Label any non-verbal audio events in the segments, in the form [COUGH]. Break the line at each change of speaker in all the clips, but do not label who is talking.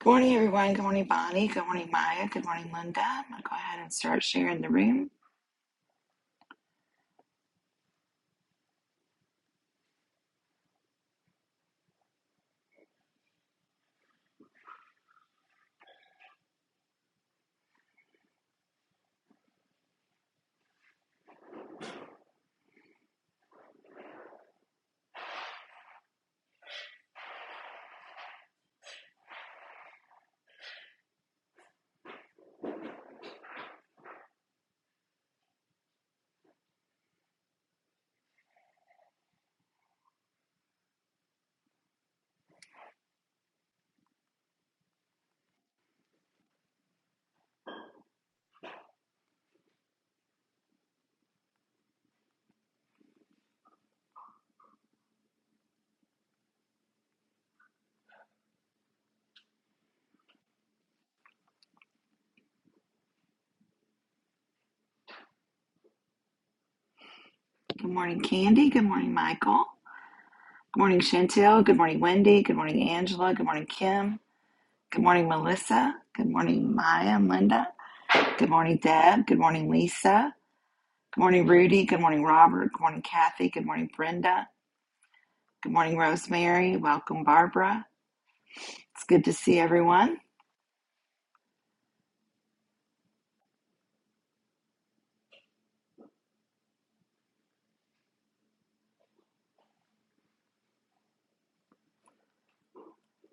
Good morning, everyone. Good morning, Bonnie. Good morning, Maya. Good morning, Linda. I'm going to go ahead and start sharing the room. Good morning, Candy. Good morning, Michael. Good morning, Chantel. Good morning, Wendy. Good morning, Angela. Good morning, Kim. Good morning, Melissa. Good morning, Maya and Linda. Good morning, Deb. Good morning, Lisa. Good morning, Rudy. Good morning, Robert. Good morning, Kathy. Good morning, Brenda. Good morning, Rosemary. Welcome, Barbara. It's good to see everyone.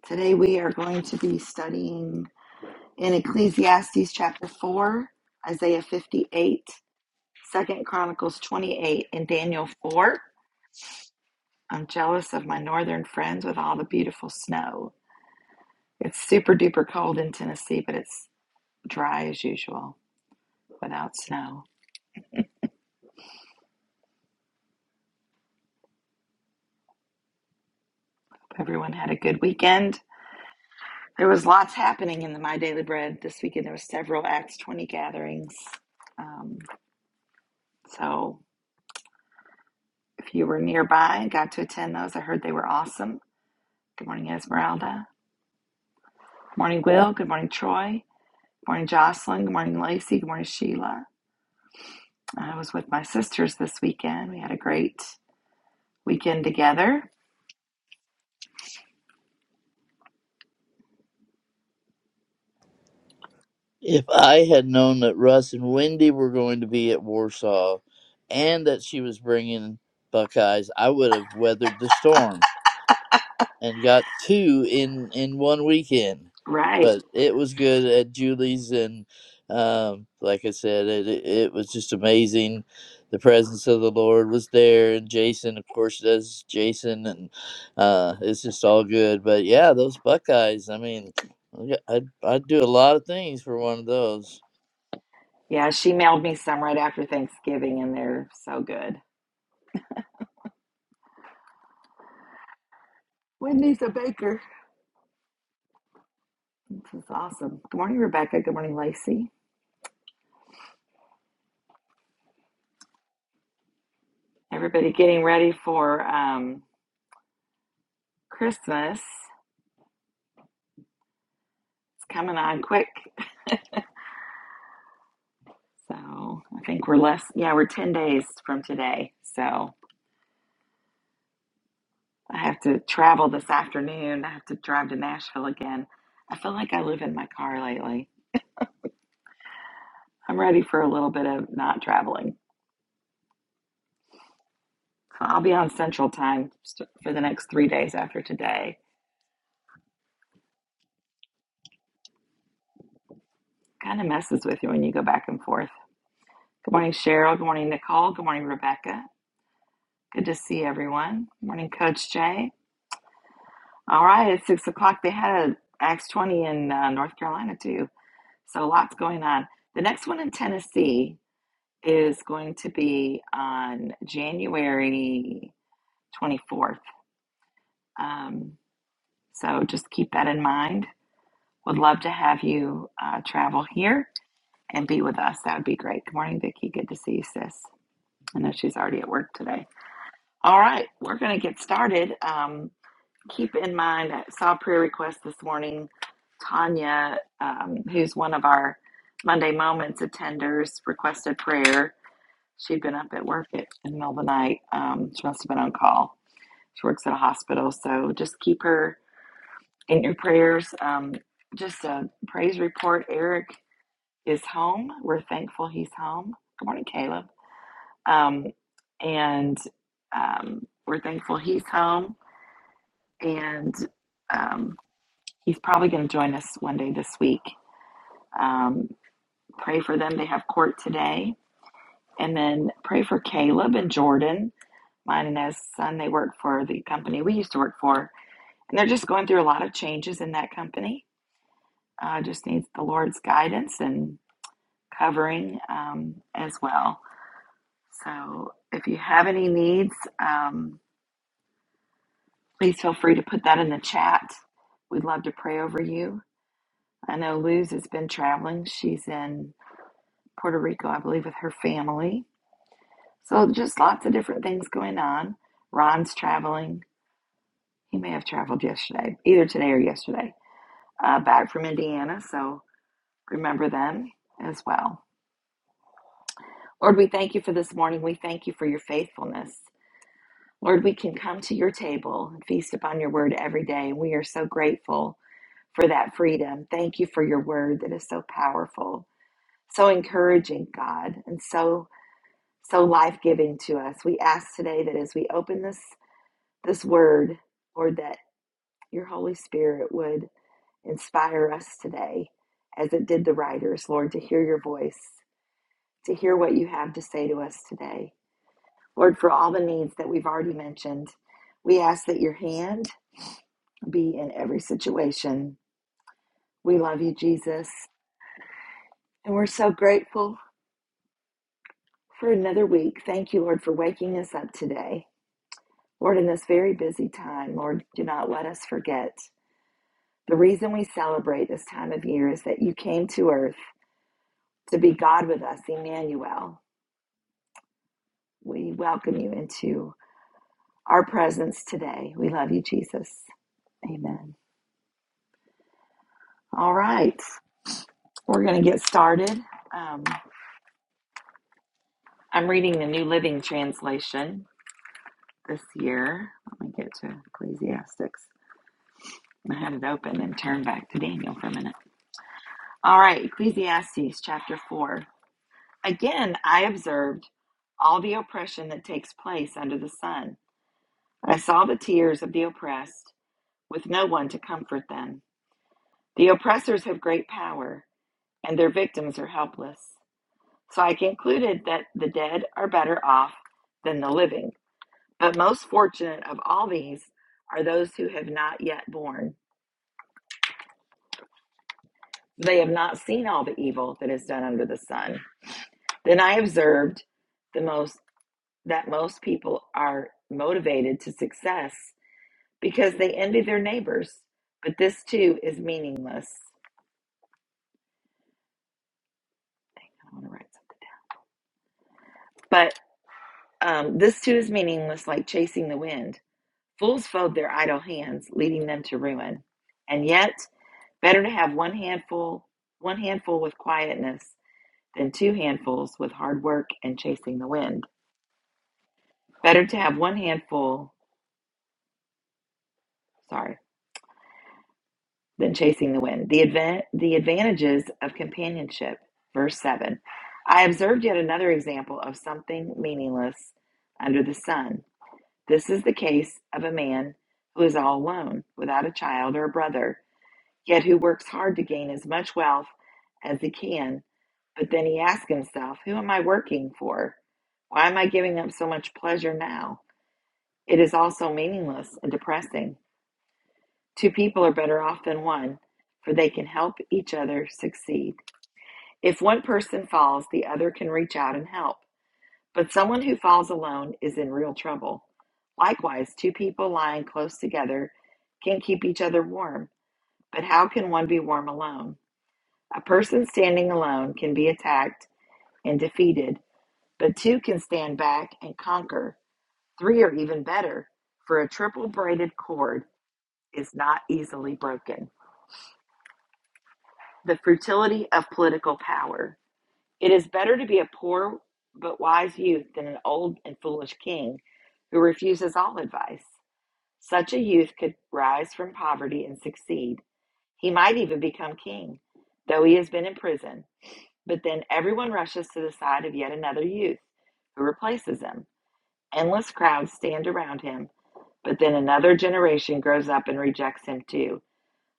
Today we are going to be studying. in Ecclesiastes chapter 4, Isaiah 58, Second Chronicles 28, and Daniel 4. I'm jealous of my northern friends with all the beautiful snow. It's super duper cold in Tennessee, but it's dry as usual without snow. Hope everyone had a good weekend. There was lots happening in the My Daily Bread this weekend. There were several Acts 20 gatherings. Um, so if you were nearby and got to attend those, I heard they were awesome. Good morning, Esmeralda. Good Morning, Will. Good morning, Troy. Good morning, Jocelyn. Good morning, Lacey. Good morning, Sheila. I was with my sisters this weekend. We had a great weekend together.
If I had known that Russ and Wendy were going to be at Warsaw and that she was bringing Buckeyes, I would have weathered the storm and got two in, in one weekend.
Right.
But it was good at Julie's, and um, like I said, it, it it was just amazing. The presence of the Lord was there, and Jason, of course, does Jason, and uh, it's just all good. But yeah, those Buckeyes, I mean, I'd, I'd do a lot of things for one of those.
Yeah, she mailed me some right after Thanksgiving, and they're so good. Wendy's a baker. This is awesome. Good morning, Rebecca. Good morning, Lacey. Everybody getting ready for um, Christmas. It's coming on quick. So I think we're less, yeah, we're 10 days from today. So I have to travel this afternoon. I have to drive to Nashville again. I feel like I live in my car lately. I'm ready for a little bit of not traveling. So I'll be on Central Time st- for the next three days after today. Kind of messes with you when you go back and forth. Good morning, Cheryl. Good morning, Nicole. Good morning, Rebecca. Good to see everyone. Good morning, Coach Jay. All right, it's six o'clock. They had a Acts 20 in uh, North Carolina too. So lots going on. The next one in Tennessee is going to be on January 24th. Um, so just keep that in mind. Would love to have you uh, travel here and be with us. That would be great. Good morning, Vicki. Good to see you, sis. I know she's already at work today. All right, we're going to get started. Um, keep in mind, I saw a prayer request this morning. Tanya, um, who's one of our Monday Moments attenders, requested prayer She'd been up at work at, in the middle of the night. Um, she must have been on call. She works at a hospital, so just keep her in your prayers. Um, just a praise report. Eric is home. We're thankful he's home. Good morning, Caleb. Um, and um, we're thankful he's home. And um, he's probably going to join us one day this week. Um, pray for them. They have court today And then pray for Caleb and Jordan, mine and his son. They work for the company we used to work for, and they're just going through a lot of changes in that company. Uh, just needs the Lord's guidance and covering um, as well. So if you have any needs, um, please feel free to put that in the chat. We'd love to pray over you. I know Luz has been traveling. She's in Puerto Rico, I believe, with her family. So just lots of different things going on. Ron's traveling He may have traveled yesterday, either today or yesterday, uh, back from Indiana. So remember them as well. Lord, we thank you for this morning. We thank you for your faithfulness. Lord, we can come to your table and feast upon your word every day. We are so grateful for that freedom. Thank you for your word that is so powerful, so encouraging, God, and so so life-giving to us. We ask today that as we open this this word, Lord, that your Holy Spirit would Inspire us today, as it did the writers, Lord, to hear your voice, to hear what you have to say to us today. Lord, for all the needs that we've already mentioned, we ask that your hand be in every situation. We love you, Jesus, and we're so grateful for another week. Thank you, Lord, for waking us up today. Lord, in this very busy time, Lord, do not let us forget. The reason we celebrate this time of year is that you came to earth to be God with us, Emmanuel. We welcome you into our presence today. We love you, Jesus. Amen. All right, we're going to get started. Um, I'm reading the New Living Translation this year. Let me get to Ecclesiastes. I had it open and turned back to Daniel for a minute. All right, Ecclesiastes chapter 4. Again, I observed all the oppression that takes place under the sun. I saw the tears of the oppressed, with no one to comfort them. The oppressors have great power and their victims are helpless. So I concluded that the dead are better off than the living. But most fortunate of all these are those who have not yet born. They have not seen all the evil that is done under the sun. Then I observed the most that most people are motivated to success because they envy their neighbors. But this too is meaningless. I want to write something down. But um, this too is meaningless, like chasing the wind. Fools fold their idle hands, leading them to ruin. And yet, better to have one handful, one handful with quietness than two handfuls with hard work and chasing the wind. Better to have one handful, sorry, than chasing the wind. The advan the advantages of companionship, verse 7. I observed yet another example of something meaningless under the sun. This is the case of a man who is all alone, without a child or a brother. yet who works hard to gain as much wealth as he can. But then he asks himself, Who am I working for? Why am I giving up so much pleasure now? It is all so meaningless and depressing. Two people are better off than one, for they can help each other succeed. If one person falls, the other can reach out and help. But someone who falls alone is in real trouble. Likewise, two people lying close together can keep each other warm. But how can one be warm alone? A person standing alone can be attacked and defeated, but two can stand back and conquer. Three are even better, for a triple braided cord is not easily broken. The futility of political power. It is better to be a poor but wise youth than an old and foolish king who refuses all advice. Such a youth could rise from poverty and succeed. He might even become king, though he has been in prison. But then everyone rushes to the side of yet another youth who replaces him. Endless crowds stand around him, but then another generation grows up and rejects him too.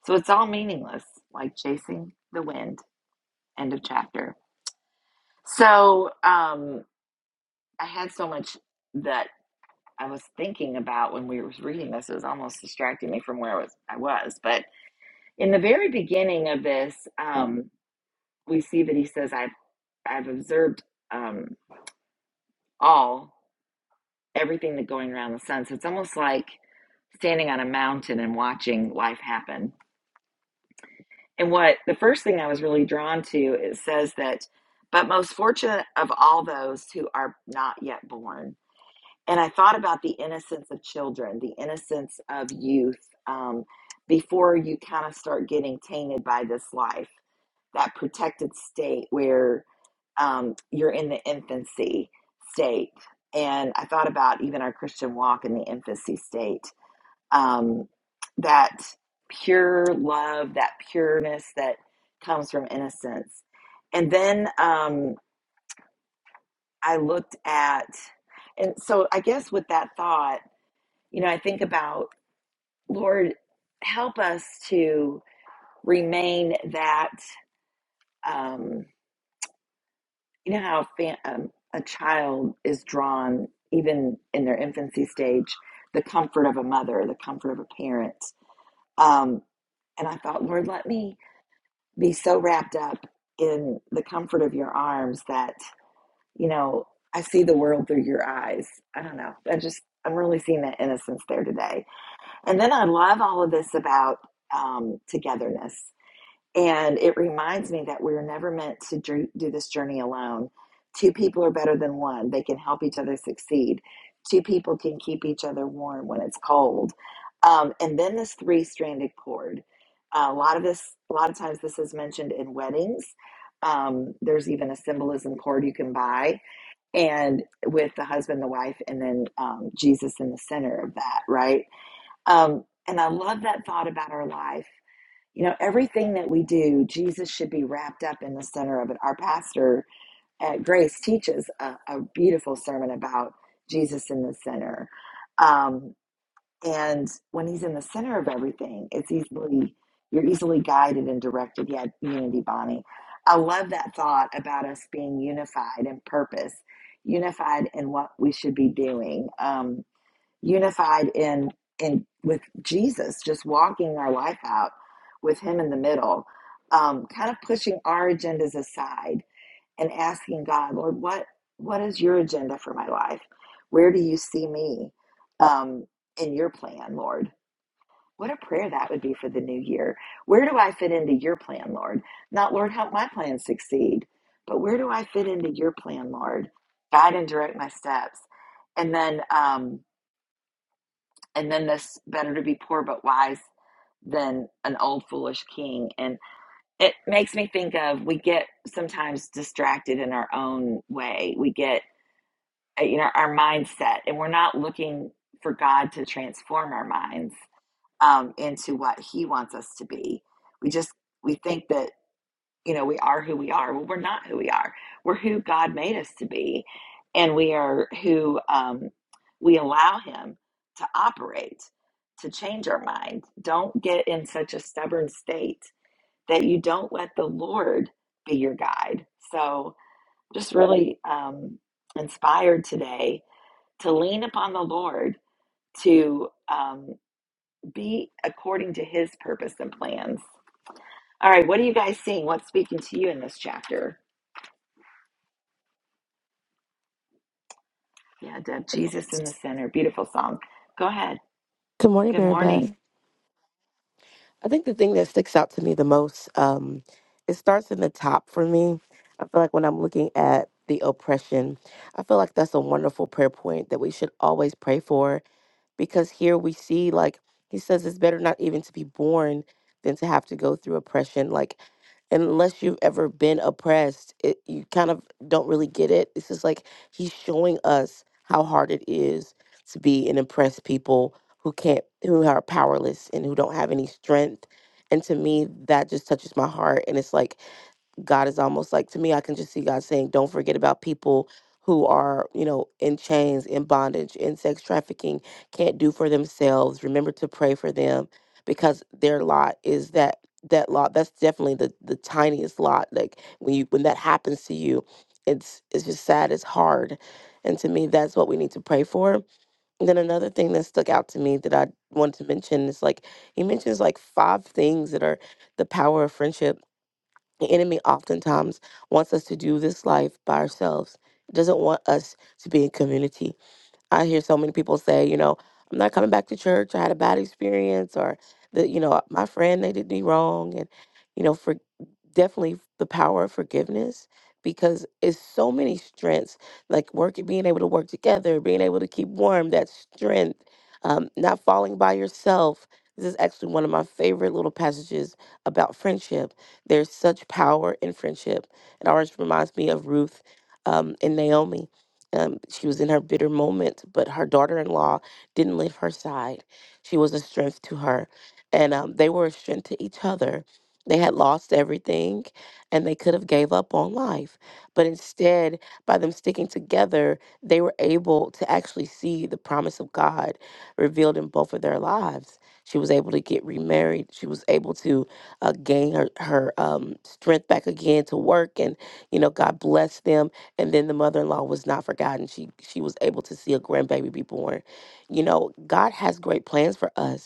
So it's all meaningless, like chasing the wind. End of chapter. So um, I had so much that I was thinking about when we were reading this. It was almost distracting me from where I was. I was. But in the very beginning of this, um, we see that he says, "I've I've observed um, all." everything that going around the sun. So it's almost like standing on a mountain and watching life happen. And what the first thing I was really drawn to it says that, but most fortunate of all those who are not yet born. And I thought about the innocence of children, the innocence of youth, um, before you kind of start getting tainted by this life, that protected state where um, you're in the infancy state. And I thought about even our Christian walk in the infancy state. Um, that pure love, that pureness that comes from innocence. And then um, I looked at, and so I guess with that thought, you know, I think about, Lord, help us to remain that. Um, you know how fa- um, a child is drawn even in their infancy stage the comfort of a mother the comfort of a parent um, and i thought lord let me be so wrapped up in the comfort of your arms that you know i see the world through your eyes i don't know i just i'm really seeing that innocence there today and then i love all of this about um, togetherness and it reminds me that we're never meant to do this journey alone. Two people are better than one. They can help each other succeed. Two people can keep each other warm when it's cold. Um, and then this three-stranded cord. Uh, a lot of this, a lot of times, this is mentioned in weddings. Um, there's even a symbolism cord you can buy, and with the husband, the wife, and then um, Jesus in the center of that, right? Um, and I love that thought about our life you know, everything that we do, Jesus should be wrapped up in the center of it. Our pastor at Grace teaches a, a beautiful sermon about Jesus in the center. Um, and when he's in the center of everything, it's easily, you're easily guided and directed. Yeah, unity, Bonnie. I love that thought about us being unified in purpose, unified in what we should be doing. Um, unified in in with Jesus, just walking our life out with Him in the middle, um, kind of pushing our agendas aside and asking God, Lord, what what is Your agenda for my life? Where do You see me um, in Your plan, Lord? What a prayer that would be for the new year. Where do I fit into Your plan, Lord? Not Lord, help my plan succeed, but where do I fit into Your plan, Lord? Guide and direct my steps, and then. Um, and then this better to be poor but wise than an old foolish king and it makes me think of we get sometimes distracted in our own way we get uh, you know our mindset and we're not looking for god to transform our minds um, into what he wants us to be we just we think that you know, we are who we are. Well, we're not who we are. We're who God made us to be, and we are who um, we allow Him to operate, to change our mind. Don't get in such a stubborn state that you don't let the Lord be your guide. So, just really um, inspired today to lean upon the Lord to um, be according to His purpose and plans. All right, what are you guys seeing? What's speaking to you in this chapter? Yeah, Deb, Jesus in the center. Beautiful song. Go ahead.
Good morning,
Good
Mary Beth.
morning.
I think the thing that sticks out to me the most, um, it starts in the top for me. I feel like when I'm looking at the oppression, I feel like that's a wonderful prayer point that we should always pray for because here we see like he says it's better not even to be born than to have to go through oppression like unless you've ever been oppressed it, you kind of don't really get it it's just like he's showing us how hard it is to be an oppressed people who can't who are powerless and who don't have any strength and to me that just touches my heart and it's like God is almost like to me, I can just see God saying, don't forget about people who are, you know, in chains, in bondage, in sex trafficking, can't do for themselves. Remember to pray for them because their lot is that that lot that's definitely the the tiniest lot like when you when that happens to you it's it's just sad it's hard and to me that's what we need to pray for and then another thing that stuck out to me that i wanted to mention is like he mentions like five things that are the power of friendship the enemy oftentimes wants us to do this life by ourselves. It doesn't want us to be in community. I hear so many people say, you know, I'm not coming back to church. I had a bad experience, or the, you know, my friend they did me wrong, and you know, forgive definitely the power of forgiveness because it's so many strengths like working being able to work together being able to keep warm that strength um, not falling by yourself this is actually one of my favorite little passages about friendship there's such power in friendship it always reminds me of ruth um, and naomi um, she was in her bitter moment but her daughter-in-law didn't leave her side she was a strength to her and um, they were a strength to each other they had lost everything and they could have gave up on life. But instead, by them sticking together, they were able to actually see the promise of God revealed in both of their lives. She was able to get remarried. She was able to uh, gain her, her um, strength back again to work. And, you know, God blessed them. And then the mother in law was not forgotten. She, she was able to see a grandbaby be born. You know, God has great plans for us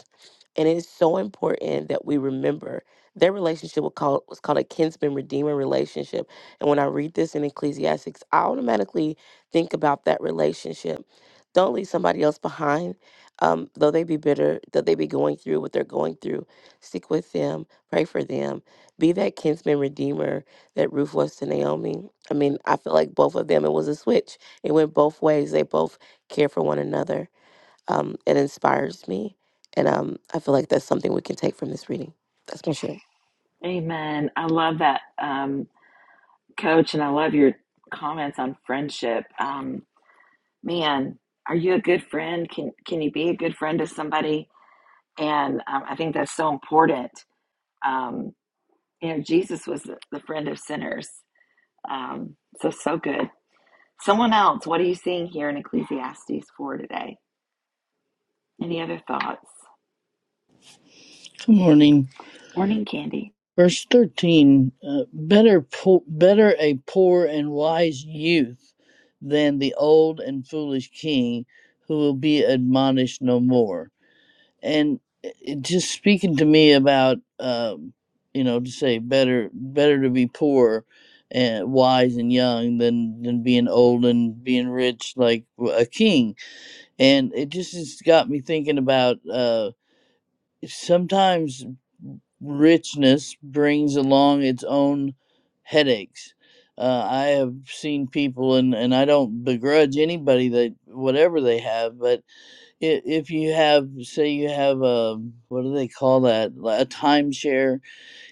and it is so important that we remember their relationship was called, was called a kinsman redeemer relationship. And when I read this in Ecclesiastics, I automatically think about that relationship. Don't leave somebody else behind, um, though they be bitter, though they be going through what they're going through. Stick with them, pray for them, be that kinsman redeemer that Ruth was to Naomi. I mean, I feel like both of them, it was a switch. It went both ways. They both care for one another. Um, it inspires me, and um, I feel like that's something we can take from this reading. That's my share.
Amen. I love that, um, coach, and I love your comments on friendship. Um, man, are you a good friend? Can can you be a good friend to somebody? And um, I think that's so important. Um, you know, Jesus was the, the friend of sinners. Um, so so good. Someone else, what are you seeing here in Ecclesiastes four today? Any other thoughts?
Good morning.
Morning, Candy.
Verse 13 uh, better, po- better a poor and wise youth than the old and foolish king who will be admonished no more. And it it just speaking to me about, um, you know, to say better, better to be poor and wise and young than, than being old and being rich like a king. And it just has got me thinking about, uh, sometimes richness brings along its own headaches. Uh, I have seen people, and, and I don't begrudge anybody that whatever they have, but i- if you have, say, you have a what do they call that, Li- a timeshare,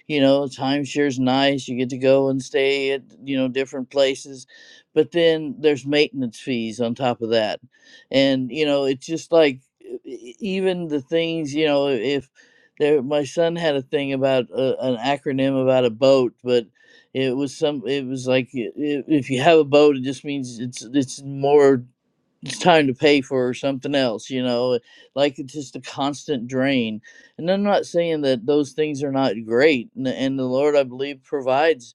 you know timeshare's nice you get to go and stay at you know different places but then there's maintenance fees on top of that and you know it's just like e- e- even the things you know if there my son had a thing about uh an acronym about a boat but it was some it was like i- i- if you have a boat it just means it's it's more it's time to pay for something else you know like it's just a constant drain and i'm not saying that those things are not great and, and the lord i believe provides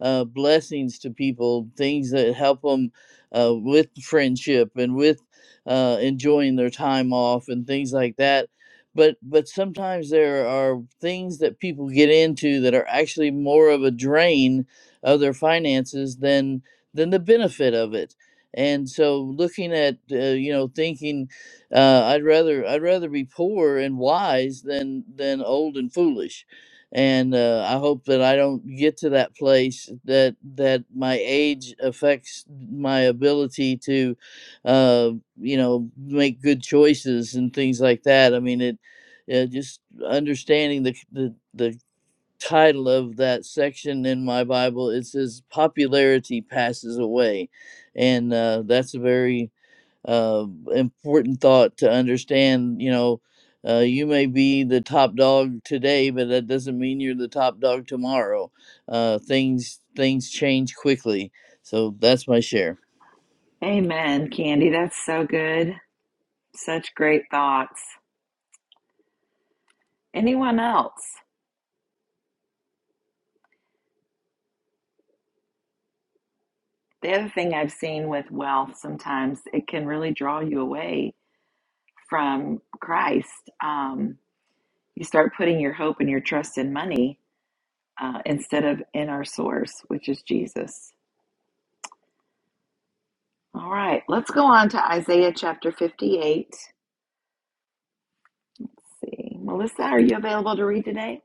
uh, blessings to people, things that help them uh, with friendship and with uh, enjoying their time off and things like that. But but sometimes there are things that people get into that are actually more of a drain of their finances than than the benefit of it. And so looking at uh, you know thinking uh, I'd rather I'd rather be poor and wise than than old and foolish and uh, I hope that I don't get to that place that that my age affects my ability to, uh, you know, make good choices and things like that. I mean, it uh, just understanding the the the title of that section in my Bible. It says popularity passes away, and uh, that's a very uh, important thought to understand. You know, uh, you may be the top dog today, but that doesn't mean you're the top dog tomorrow. Uh, things things change quickly, so that's my share.
Amen, Candy. That's so good. Such great thoughts. Anyone else? The other thing I've seen with wealth, sometimes it can really draw you away from Christ. Um, you start putting your hope and your trust in money uh, instead of in our source, which is Jesus. All right, let's go on to Isaiah chapter 58. Let's see. Melissa, are you available to read today?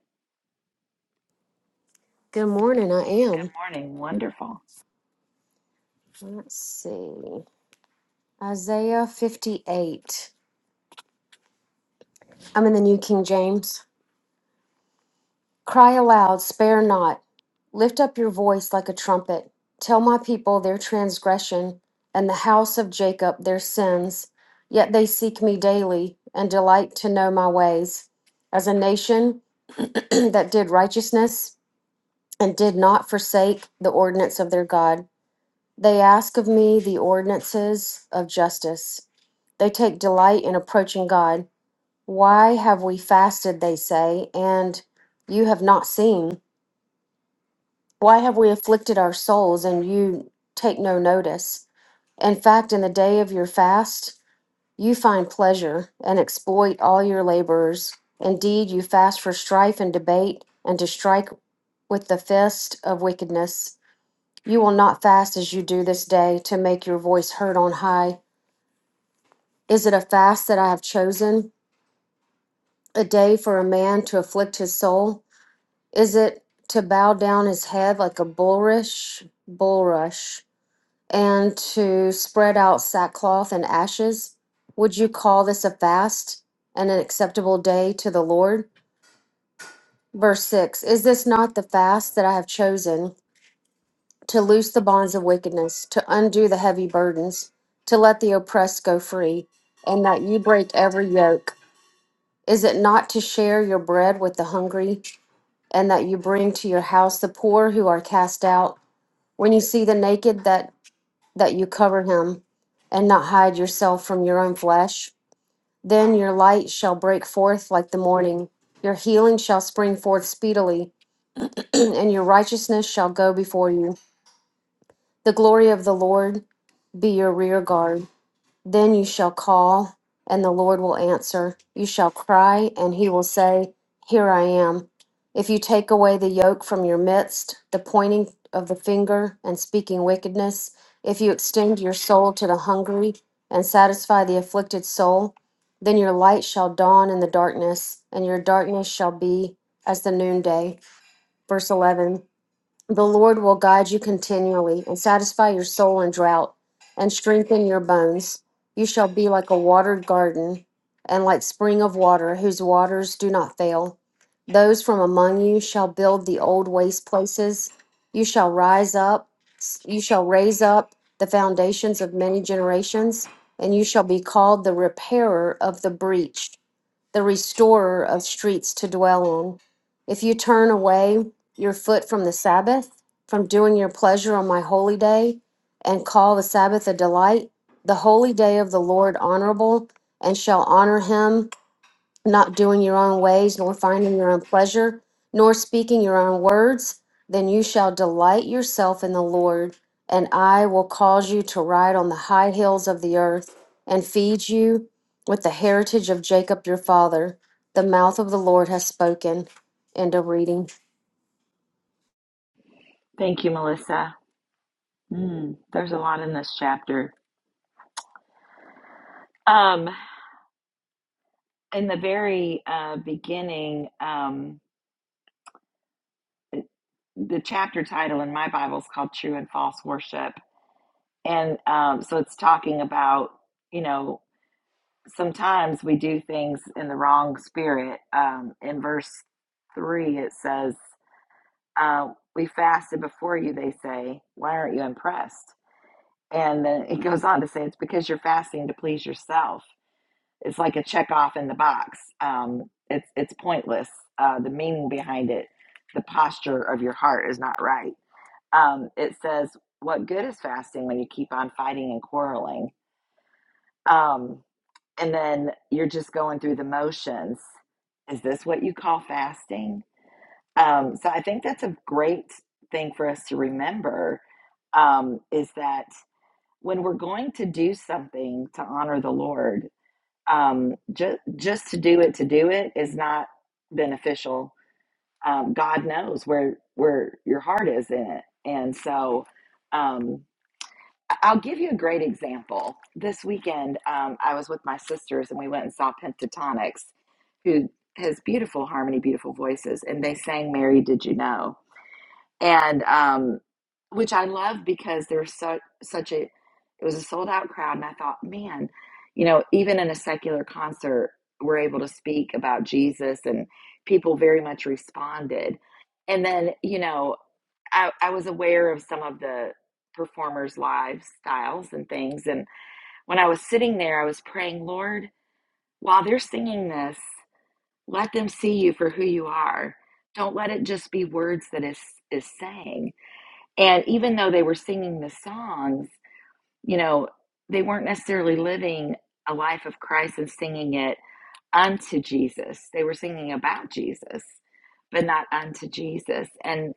Good morning. I am.
Good Morning. Wonderful.
Let's see. Isaiah 58. I'm in the New King James. Cry aloud, spare not. Lift up your voice like a trumpet. Tell my people their transgression and the house of Jacob their sins. Yet they seek me daily and delight to know my ways. As a nation [CLEARS THROAT] that did righteousness and did not forsake the ordinance of their God, they ask of me the ordinances of justice. They take delight in approaching God. Why have we fasted, they say, and you have not seen? Why have we afflicted our souls, and you take no notice? In fact, in the day of your fast, you find pleasure and exploit all your laborers. Indeed, you fast for strife and debate, and to strike with the fist of wickedness. You will not fast as you do this day to make your voice heard on high. Is it a fast that I have chosen? a day for a man to afflict his soul? Is it to bow down his head like a bulrush, bulrush, and to spread out sackcloth and ashes? Would you call this a fast and an acceptable day to the Lord? Verse 6 Is this not the fast that I have chosen to loose the bonds of wickedness, to undo the heavy burdens, to let the oppressed go free, and that you break every yoke? Is it not to share your bread with the hungry? and that you bring to your house the poor who are cast out when you see the naked that that you cover him and not hide yourself from your own flesh then your light shall break forth like the morning your healing shall spring forth speedily [CLEARS THROAT] and your righteousness shall go before you the glory of the lord be your rear guard Then you shall call, and the Lord will answer. You shall cry, and he will say, Here I am. If you take away the yoke from your midst, the pointing of the finger and speaking wickedness, if you extend your soul to the hungry and satisfy the afflicted soul, then your light shall dawn in the darkness, and your darkness shall be as the noonday. Verse 11. The Lord will guide you continually and satisfy your soul in drought and strengthen your bones. You shall be like a watered garden and like spring of water whose waters do not fail. Those from among you shall build the old waste places. You shall rise up, you shall raise up the foundations of many generations, and you shall be called the repairer of the breach the restorer of streets to dwell on. If you turn away your foot from the Sabbath, from doing your pleasure on my holy day, and call the Sabbath a delight, the holy day of the Lord honorable, and shall honor him not doing your own ways, nor finding your own pleasure, nor speaking your own words, then you shall delight yourself in the Lord, and I will cause you to ride on the high hills of the earth, and feed you with the heritage of Jacob your father. The mouth of the Lord has spoken. End of reading.
Thank you, Melissa. Hmm, there's a lot in this chapter. Um, in the very uh, beginning, um, the chapter title in my Bible is called True and False Worship. And um, so it's talking about, you know, sometimes we do things in the wrong spirit. Um, in verse three, it says, uh, We fasted before you, they say. Why aren't you impressed? And then it goes on to say, It's because you're fasting to please yourself. It's like a check off in the box. Um, it's it's pointless. Uh, the meaning behind it, the posture of your heart is not right. Um, it says, "What good is fasting when you keep on fighting and quarreling?" Um, and then you're just going through the motions. Is this what you call fasting? Um, so I think that's a great thing for us to remember um, is that when we're going to do something to honor the Lord, um, ju- just to do it to do it is not beneficial. Um, God knows where where your heart is in it, and so um, I- I'll give you a great example. This weekend, um, I was with my sisters, and we went and saw Pentatonics, who has beautiful harmony, beautiful voices, and they sang "Mary, Did You Know." and um, which I love because there's so, such a it was a sold out crowd, and I thought, man, you know, even in a secular concert, we're able to speak about Jesus, and people very much responded. And then, you know, I, I was aware of some of the performers' lifestyles and things, and when I was sitting there, I was praying, Lord, while they're singing this, let them see you for who you are. Don't let it just be words that is is saying and even though they were singing the songs, you know, they weren't necessarily living a life of Christ and singing it unto Jesus. They were singing about Jesus, but not unto Jesus. And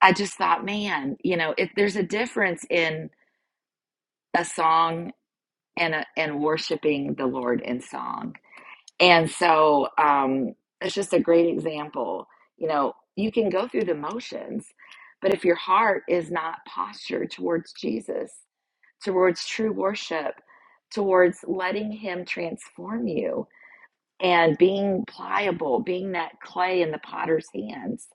I just thought, man, you know, if there's a difference in a song and a, and worshiping the Lord in song. And so um, it's just a great example. You know, you can go through the motions, but if your heart is not postured towards Jesus, towards true worship, towards letting Him transform you and being pliable, being that clay in the potter's hands.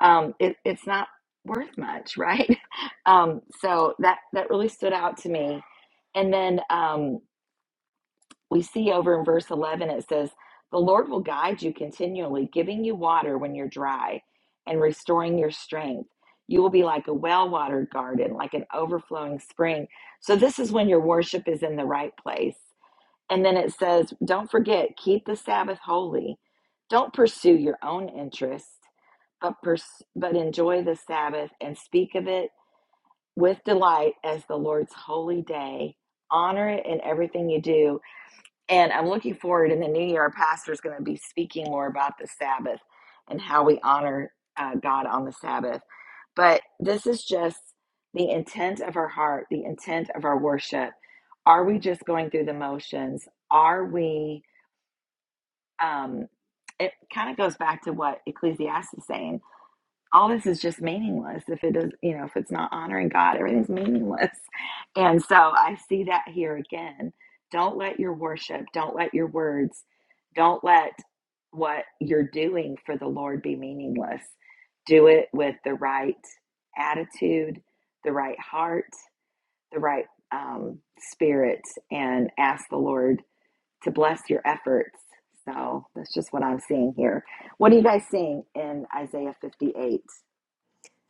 Um, it, it's not worth much, right? [LAUGHS] Um, so that that really stood out to me. And then um, we see over in verse 11 it says the lord will guide you continually giving you water when you're dry and restoring your strength you will be like a well-watered garden like an overflowing spring so this is when your worship is in the right place and then it says don't forget keep the sabbath holy don't pursue your own interests but pers- but enjoy the sabbath and speak of it with delight as the lord's holy day honor it in everything you do and I'm looking forward in the new year, our pastor is going to be speaking more about the Sabbath and how we honor uh, God on the Sabbath. But this is just the intent of our heart, the intent of our worship. Are we just going through the motions? Are we, um, it kind of goes back to what Ecclesiastes is saying all this is just meaningless if it is you know if it's not honoring god everything's meaningless and so i see that here again don't let your worship don't let your words don't let what you're doing for the lord be meaningless do it with the right attitude the right heart the right um, spirit and ask the lord to bless your efforts so that's just what i'm seeing here what are you guys seeing in isaiah 58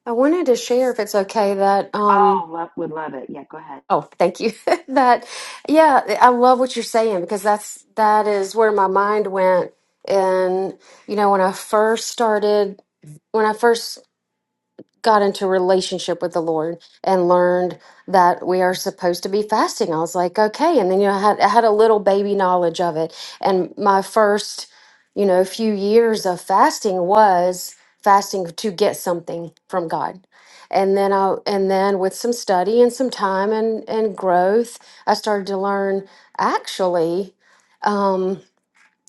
I wanted to share, if it's okay, that um,
Oh, love, would love it. Yeah, go ahead.
Oh, thank you. [LAUGHS] That, yeah, I love what you're saying because that's that is where my mind went. And you know, when I first started, when I first got into relationship with the Lord and learned that we are supposed to be fasting. I was like, okay. And then, you know, I had, I had a little baby knowledge of it. And my first, you know, few years of fasting was fasting to get something from God. And then I, and then with some study and some time and, and growth, I started to learn actually, um,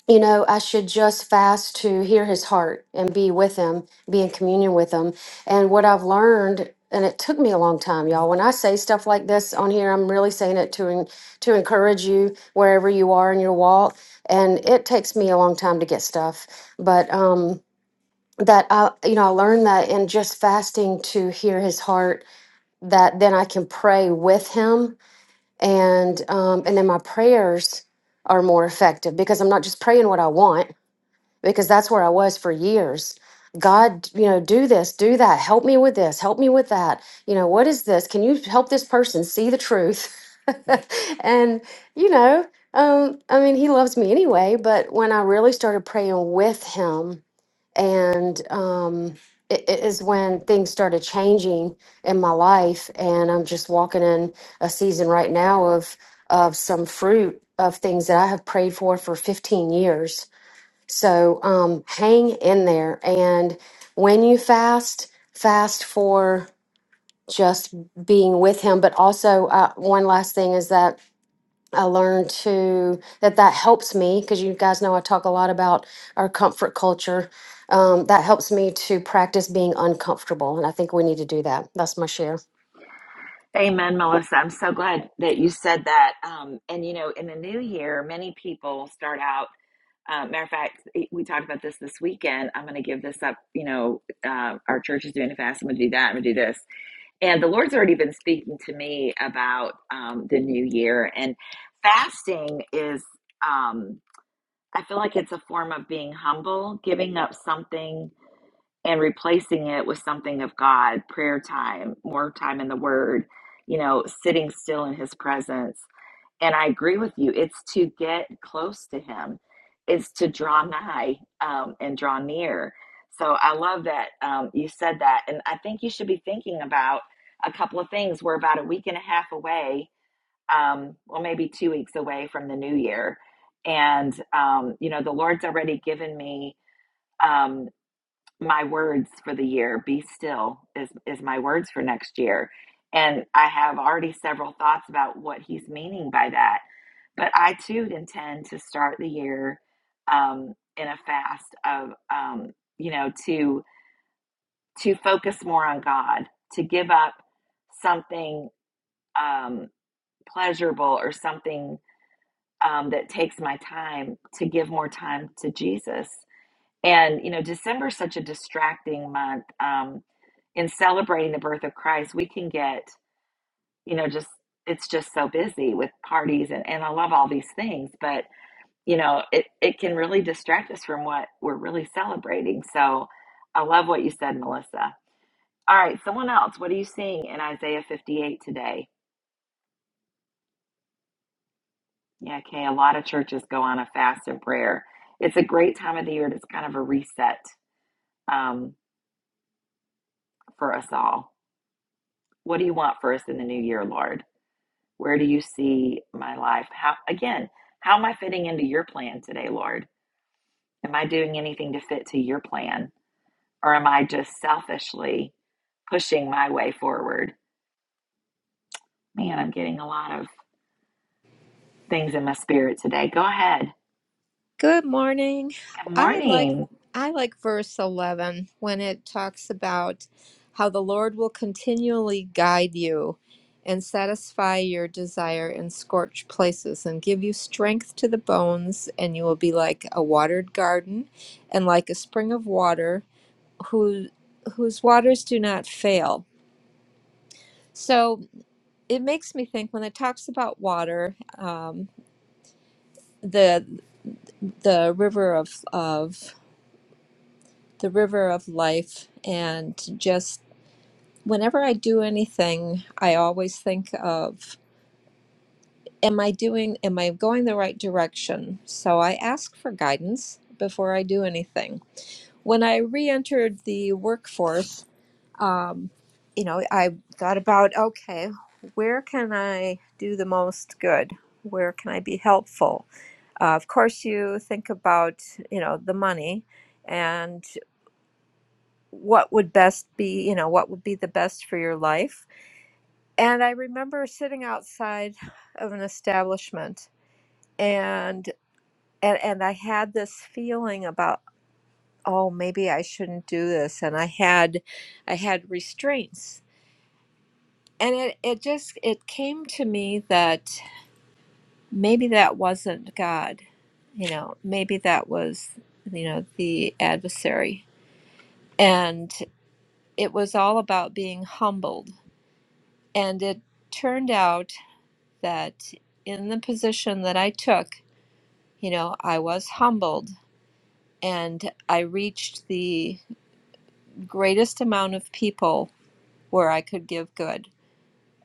you know, I should just fast to hear his heart and be with him, be in communion with him. And what I've learned, and it took me a long time, y'all. When I say stuff like this on here, I'm really saying it to en- to encourage you wherever you are in your walk. And it takes me a long time to get stuff, but um, that I, you know, I learned that in just fasting to hear his heart. That then I can pray with him, and um, and then my prayers are more effective because I'm not just praying what I want because that's where I was for years. God, you know, do this, do that, help me with this, help me with that. You know, what is this? Can you help this person see the truth? [LAUGHS] and, you know, um, I mean, he loves me anyway, but when I really started praying with him, and um, it it is when things started changing in my life. And I'm just walking in a season right now of, of some fruit of things that I have prayed for for 15 years so um, hang in there. And when you fast, fast for just being with Him. But also, uh, one last thing is that I learned to that that helps me because you guys know I talk a lot about our comfort culture. Um, that helps me to practice being uncomfortable, and I think we need to do that. That's my share.
Amen, Melissa. I'm so glad that you said that. Um, and you know, in the new year, many people start out. Uh, matter of fact, we talked about this this weekend. I'm going to give this up. You know, uh, our church is doing a fast. I'm going to do that. I'm going to do this. And the Lord's already been speaking to me about um, the new year. And fasting is, um, I feel like it's a form of being humble, giving up something and replacing it with something of God, prayer time, more time in the Word, you know, sitting still in His presence. And I agree with you. It's to get close to Him, it's to draw nigh um, and draw near. So I love that um, you said that. And I think you should be thinking about a couple of things. We're about a week and a half away, um, well, maybe two weeks away from the new year. And, um, you know, the Lord's already given me. um, my words for the year be still is is my words for next year and i have already several thoughts about what he's meaning by that but i too intend to start the year um, in a fast of um, you know to to focus more on god to give up something um, pleasurable or something um, that takes my time to give more time to jesus and, you know, December is such a distracting month. Um, in celebrating the birth of Christ, we can get, you know, just, it's just so busy with parties and, and I love all these things, but, you know, it, it can really distract us from what we're really celebrating. So I love what you said, Melissa. All right, someone else, what are you seeing in Isaiah 58 today? Yeah, okay, a lot of churches go on a fast and prayer. It's a great time of the year and it's kind of a reset um, for us all. What do you want for us in the new year, Lord? Where do you see my life? How again, how am I fitting into your plan today, Lord? Am I doing anything to fit to your plan or am I just selfishly pushing my way forward? Man, I'm getting a lot of things in my spirit today. Go ahead.
Good morning.
Good
I like
morning.
I like verse 11 when it talks about how the Lord will continually guide you and satisfy your desire in scorched places and give you strength to the bones and you will be like a watered garden and like a spring of water who whose waters do not fail. So it makes me think when it talks about water, um, the the river of of the river of life and just whenever i do anything i always think of am i doing am i going the right direction so i ask for guidance before i do anything when i re-entered the workforce um, you know i thought about okay where can i do the most good where can i be helpful uh, of course you think about you know the money and. what would best be, you know, what would be the best for your life. And I remember sitting outside of an establishment and and, and I had this feeling about oh maybe I shouldn't do this and I had I had restraints. And it, it just it came to me that maybe that wasn't God. You know, maybe that was you know the adversary. And it was all about being humbled. And it turned out that in the position that I took, you know, I was humbled and I reached the greatest amount of people where I could give good.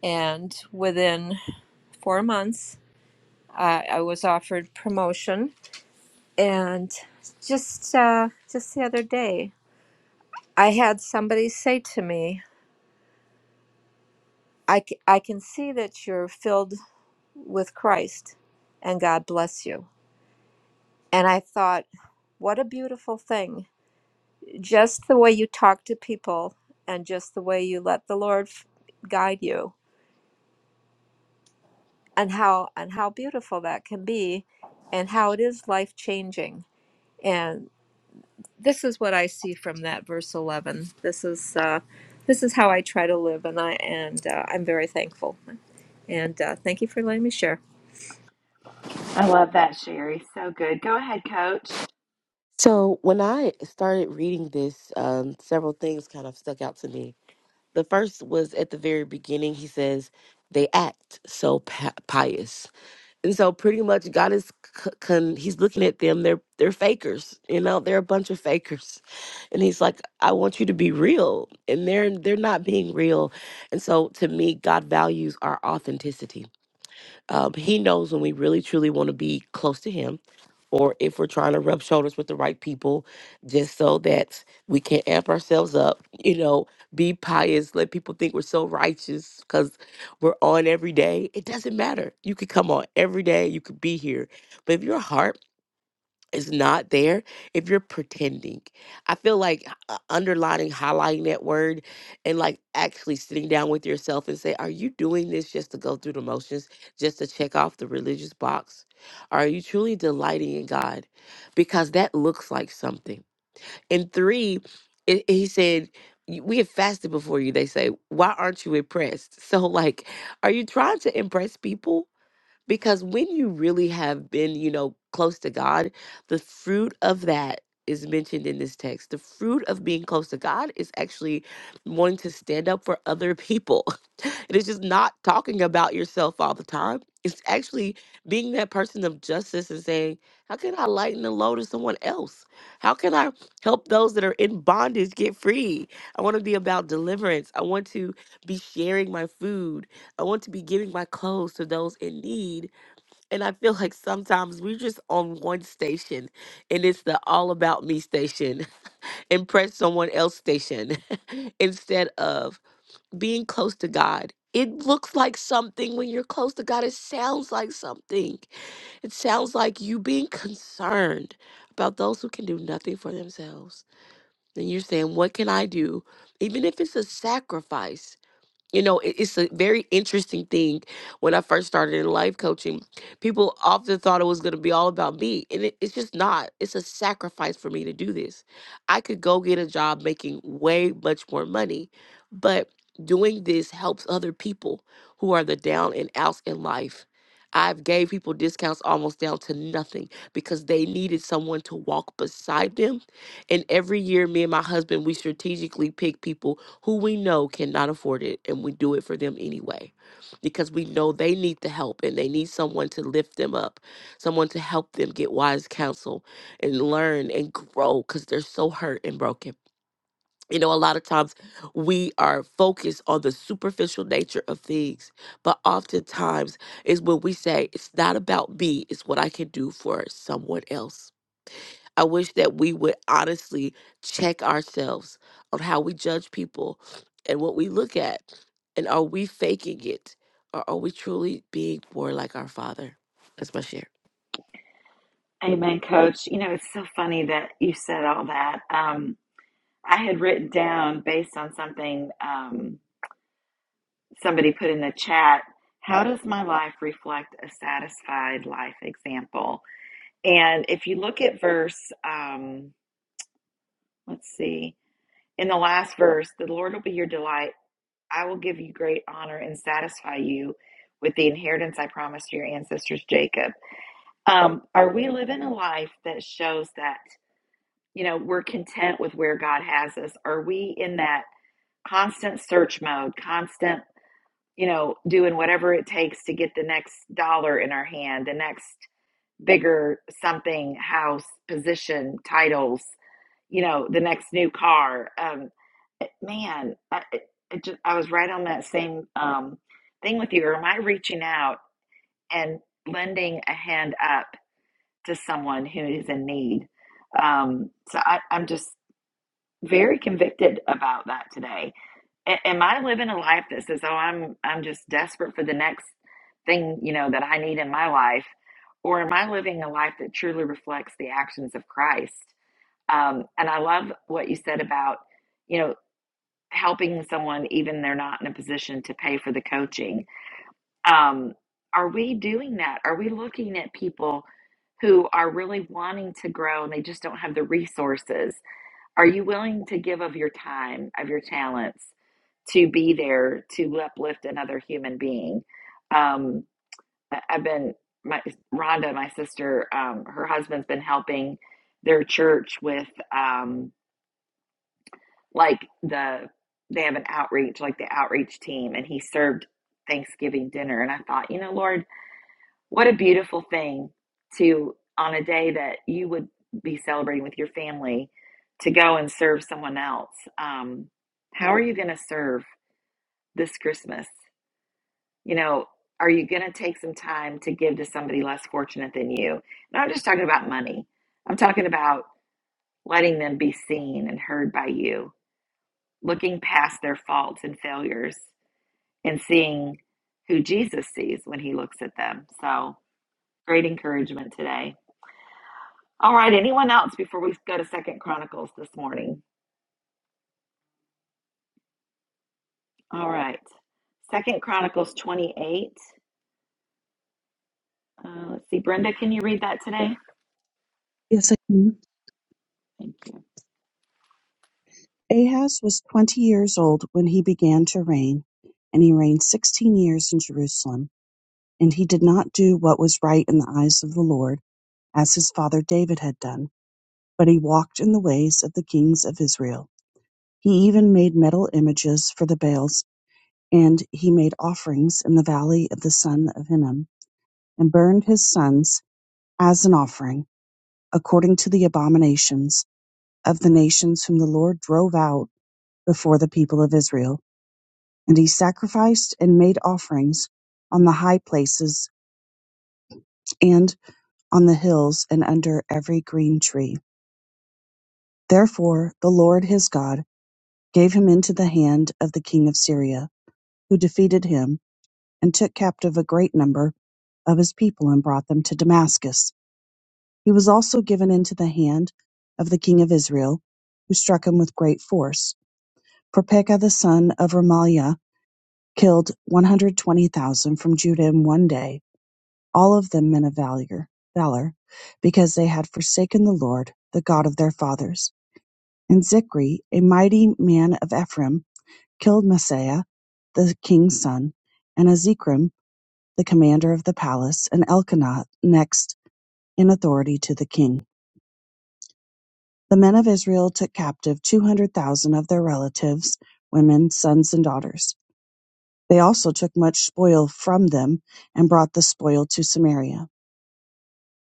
And within four months, I I was offered promotion. And just uh, just the other day, I had somebody say to me, I, c- I can see that you're filled with Christ and God bless you. And I thought, what a beautiful thing just the way you talk to people and just the way you let the lord f- guide you and how and how beautiful that can be and how it is life changing and this is what i see from that verse 11 this is uh this is how i try to live and i and uh, i'm very thankful and uh, thank you for letting me share
I love that, Sherry. So good. Go ahead, coach.
So when I started reading this, um, several things kind of stuck out to me. The first was at the very beginning. He says they act so pi- pious, and so pretty much God is c- con- he's looking at them. They're they're fakers. You know, they're a bunch of fakers, and he's like, I want you to be real, and they're they're not being real. And so to me, God values our authenticity Um, he knows when we really truly want to be close to him or if we're trying to rub shoulders with the right people just so that we can amp ourselves up, you know, be pious, let people think we're so righteous because we're on every day. It doesn't matter. You could come on every day, you could be here. But if your heart is not there if you're pretending. I feel like uh, underlining, highlighting that word, and like actually sitting down with yourself and say, Are you doing this just to go through the motions, just to check off the religious box? Are you truly delighting in God? Because that looks like something. And three, it, he said, "You- we have fasted before you. They say, why aren't you impressed? [LAUGHS] So, like, are you trying to impress people? Because when you really have been, you know, close to God, the fruit of that is mentioned in this text. The fruit of being close to God is actually wanting to stand up for other people. [LAUGHS] It is just not talking about yourself all the time. It's actually being that person of justice and saying, How can I lighten the load of someone else? How can I help those that are in bondage get free? I want to be about deliverance. I want to be sharing my food. I want to be giving my clothes to those in need. And I feel like sometimes we're just on one station and it's the all about me station, [LAUGHS] impress someone else station, [LAUGHS] instead of being close to God. It looks like something when you're close to God. It sounds like something. It sounds like you being concerned about those who can do nothing for themselves. And you're saying, What can I do? Even if it's a sacrifice you know, it- it's a very interesting thing. When I first started in life coaching, people often thought it was going to be all about me, and it, it's just not. It's a sacrifice for me to do this. I could go get a job making way much more money, but doing this helps other people who are the down and outs in life. I've gave people discounts almost down to nothing because they needed someone to walk beside them and every year, me and my husband, we strategically pick people who we know cannot afford it, and we do it for them anyway because we know they need the help and they need someone to lift them up, someone to help them get wise counsel and learn and grow because they're so hurt and broken. You know, a lot of times we are focused on the superficial nature of things, but oftentimes is when we say, it's not about me, it's what I can do for someone else I wish that we would honestly check ourselves on how we judge people and what we look at. And are we faking it or are we truly being more like our Father? That's my share.
Amen, coach. You know, it's so funny that you said all that. Um, I had written down based on something. Um, somebody put in the chat, how does my life reflect a satisfied life example? And if you look at verse, um, let's see, in the last verse, the Lord will be your delight. I will give you great honor and satisfy you with the inheritance I promised your ancestors, Jacob. Um, are we living a life that shows that, you know, we're content with where God has us? Are we in that constant search mode, constant you know, doing whatever it takes to get the next dollar in our hand, the next bigger something, house, position, titles, you know, the next new car. Um, man, I, it, just, I was right on that same um, thing with you. Or am I reaching out and lending a hand up to someone who is in need? Um, so I, I'm just very convicted about that today a- am I living a life that says, "Oh, I'm I'm just desperate for the next thing you know that I need in my life," or am I living a life that truly reflects the actions of Christ? Um, and I love what you said about you know helping someone even they're not in a position to pay for the coaching. Um, are we doing that? Are we looking at people who are really wanting to grow and they just don't have the resources? Are you willing to give of your time, of your talents, to be there to uplift another human being? Um, I- have been my Rhonda, my sister, um, her husband's been helping their church with um, like the they have an outreach, like the outreach team, and he served Thanksgiving dinner. And I thought, you know, Lord, what a beautiful thing to, on a day that you would be celebrating with your family, to go and serve someone else. Um, how are you going to serve this Christmas? You know, are you going to take some time to give to somebody less fortunate than you? And I'm just talking about money. I'm talking about letting them be seen and heard by you, looking past their faults and failures and seeing who Jesus sees when he looks at them. So, great encouragement today. All right, anyone else before we go to Second Chronicles this morning? All right. Second Chronicles 28. Uh, let's see, Brenda, can you read that today?
Yes, I can.
Thank you.
Ahaz was twenty years old when he began to reign, and he reigned sixteen years in Jerusalem. And he did not do what was right in the eyes of the Lord, as his father David had done, but he walked in the ways of the kings of Israel. He even made metal images for the Baals, and he made offerings in the valley of the son of Hinnom, and burned his sons as an offering, according to the abominations of the nations whom the Lord drove out before the people of Israel And he sacrificed and made offerings on the high places and on the hills and under every green tree. Therefore the Lord his God gave him into the hand of the king of Syria, who defeated him and took captive a great number of his people and brought them to Damascus. He was also given into the hand of the king of Israel, who struck him with great force. For Pekah the son of Remaliah killed 120,000 from Judah in one day all of them men of valor, valor, because they had forsaken the Lord, the God of their fathers. And Zichri, a mighty man of Ephraim, killed Maaseiah, the king's son, and Azikram, the commander of the palace, and Elkanah next in authority to the king. The men of Israel took captive 200,000 of their relatives, women, sons, and daughters. They also took much spoil from them and brought the spoil to Samaria.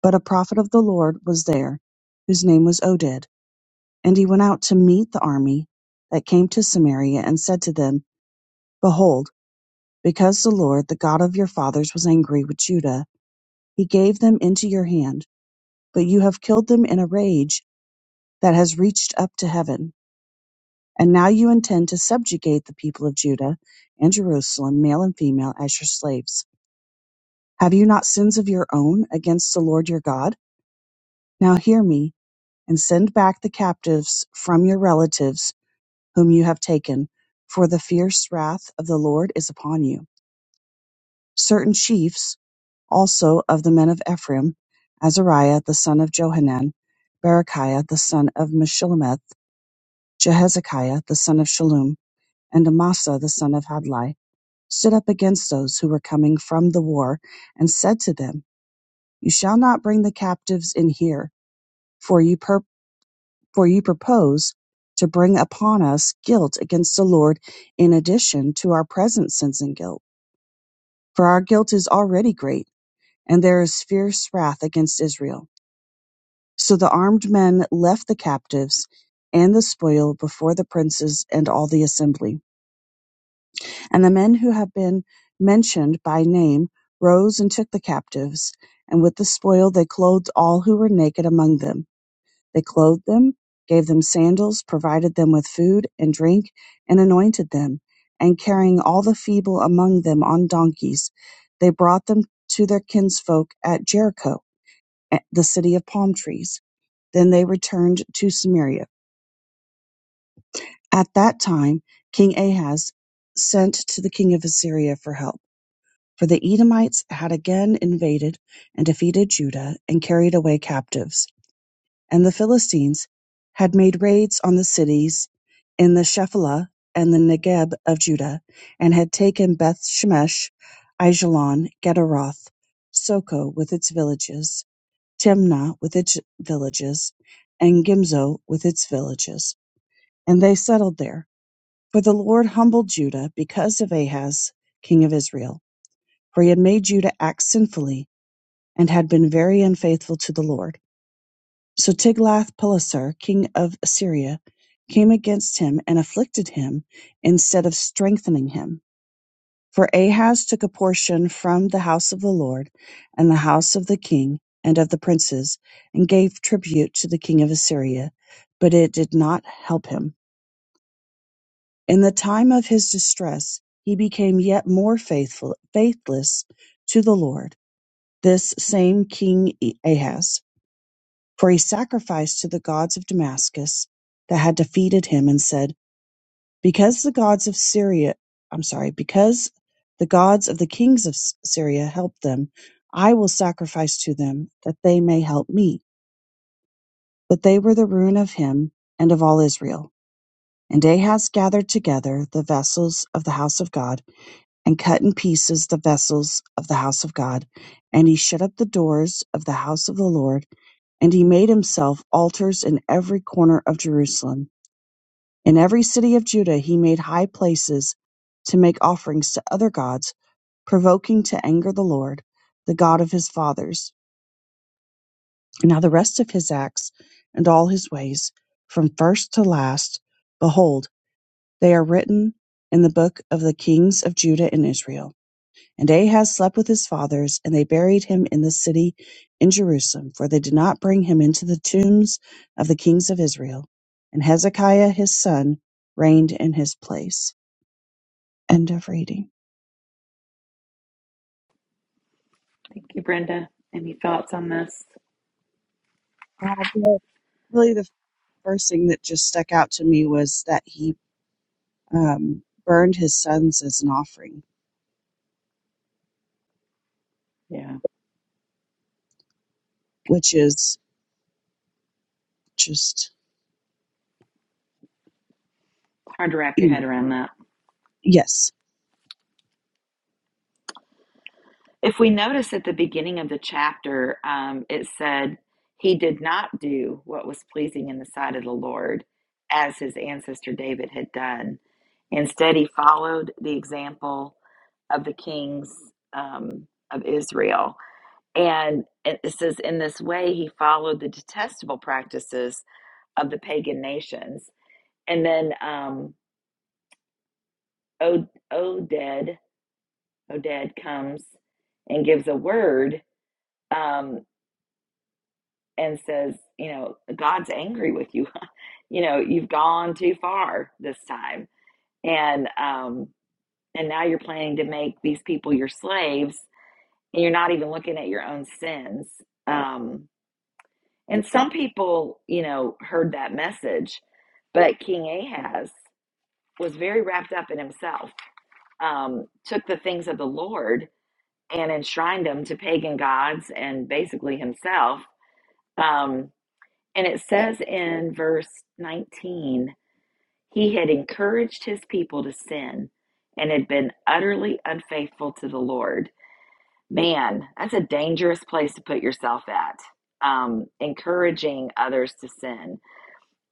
But a prophet of the Lord was there, whose name was Oded. And he went out to meet the army that came to Samaria, and said to them, Behold, because the Lord, the God of your fathers, was angry with Judah, he gave them into your hand. But you have killed them in a rage that has reached up to heaven. And now you intend to subjugate the people of Judah and Jerusalem, male and female, as your slaves. Have you not sins of your own against the Lord your God? Now hear me and send back the captives from your relatives whom you have taken, for the fierce wrath of the Lord is upon you. Certain chiefs also of the men of Ephraim, Azariah the son of Johanan, Berechiah the son of Meshilemeth, Jehezekiah the son of Shallum, and Amasa the son of Hadlai, stood up against those who were coming from the war, and said to them, You shall not bring the captives in here, for you purpose For you propose to bring upon us guilt against the Lord in addition to our present sins and guilt. For our guilt is already great, and there is fierce wrath against Israel. So the armed men left the captives and the spoil before the princes and all the assembly. And the men who have been mentioned by name rose and took the captives, and with the spoil they clothed all who were naked among them They clothed them, gave them sandals, provided them with food and drink, and anointed them. And carrying all the feeble among them on donkeys, they brought them to their kinsfolk at Jericho, the city of palm trees. Then they returned to Samaria. At that time, King Ahaz sent to the king of Assyria for help. For the Edomites had again invaded and defeated Judah and carried away captives. and the Philistines had made raids on the cities in the Shephelah and the Negeb of Judah, and had taken Beth Shemesh, Ajalon, Gederoth, Soko with its villages, Timnah with its villages, and Gimzo with its villages. And they settled there. For the Lord humbled Judah because of Ahaz, king of Israel, for he had made Judah act sinfully and had been very unfaithful to the Lord. So Tiglath-Pileser king of Assyria came against him and afflicted him instead of strengthening him. For Ahaz took a portion from the house of the Lord and the house of the king and of the princes, and gave tribute to the king of Assyria, but it did not help him. In the time of his distress, he became yet more faithful, faithless to the Lord, this same king E-, Ahaz. For he sacrificed to the gods of Damascus that had defeated him and said, Because the gods of Syria, I'm sorry, because the gods of the kings of S- Syria helped them, I will sacrifice to them that they may help me. But they were the ruin of him and of all Israel. And Ahaz gathered together the vessels of the house of God and cut in pieces the vessels of the house of God. And he shut up the doors of the house of the Lord And he made himself altars in every corner of Jerusalem. In every city of Judah he made high places to make offerings to other gods, provoking to anger the Lord, the God of his fathers. Now the rest of his acts and all his ways, from first to last, behold, they are written in the book of the kings of Judah and Israel. And Ahaz slept with his fathers, and they buried him in the city in Jerusalem, for they did not bring him into the tombs of the kings of Israel. And Hezekiah his son reigned in his place. End of reading.
Thank you, Brenda. Any thoughts on this?
Uh, the- really, the first thing that just stuck out to me was that he um, burned his sons as an offering,
Yeah,
which is just,
hard to wrap your
you
head
know,
around that.
yes.
If we notice at the beginning of the chapter, um, it said, He did not do what was pleasing in the sight of the Lord as his ancestor David had done. Instead, he followed the example of the kings um, of Israel And it says, in this way, he followed the detestable practices of the pagan nations. And then um, O- Oded, Oded comes and gives a word um, and says, you know, God's angry with you. [LAUGHS] you know, you've gone too far this time. And, um, and now you're planning to make these people your slaves and you're not even looking at your own sins. Um, And some people, you know, heard that message, but King Ahaz was very wrapped up in himself, um, took the things of the Lord and enshrined them to pagan gods and basically himself. Um, and it says in verse 19, he had encouraged his people to sin and had been utterly unfaithful to the Lord. Man, that's a dangerous place to put yourself at, um, encouraging others to sin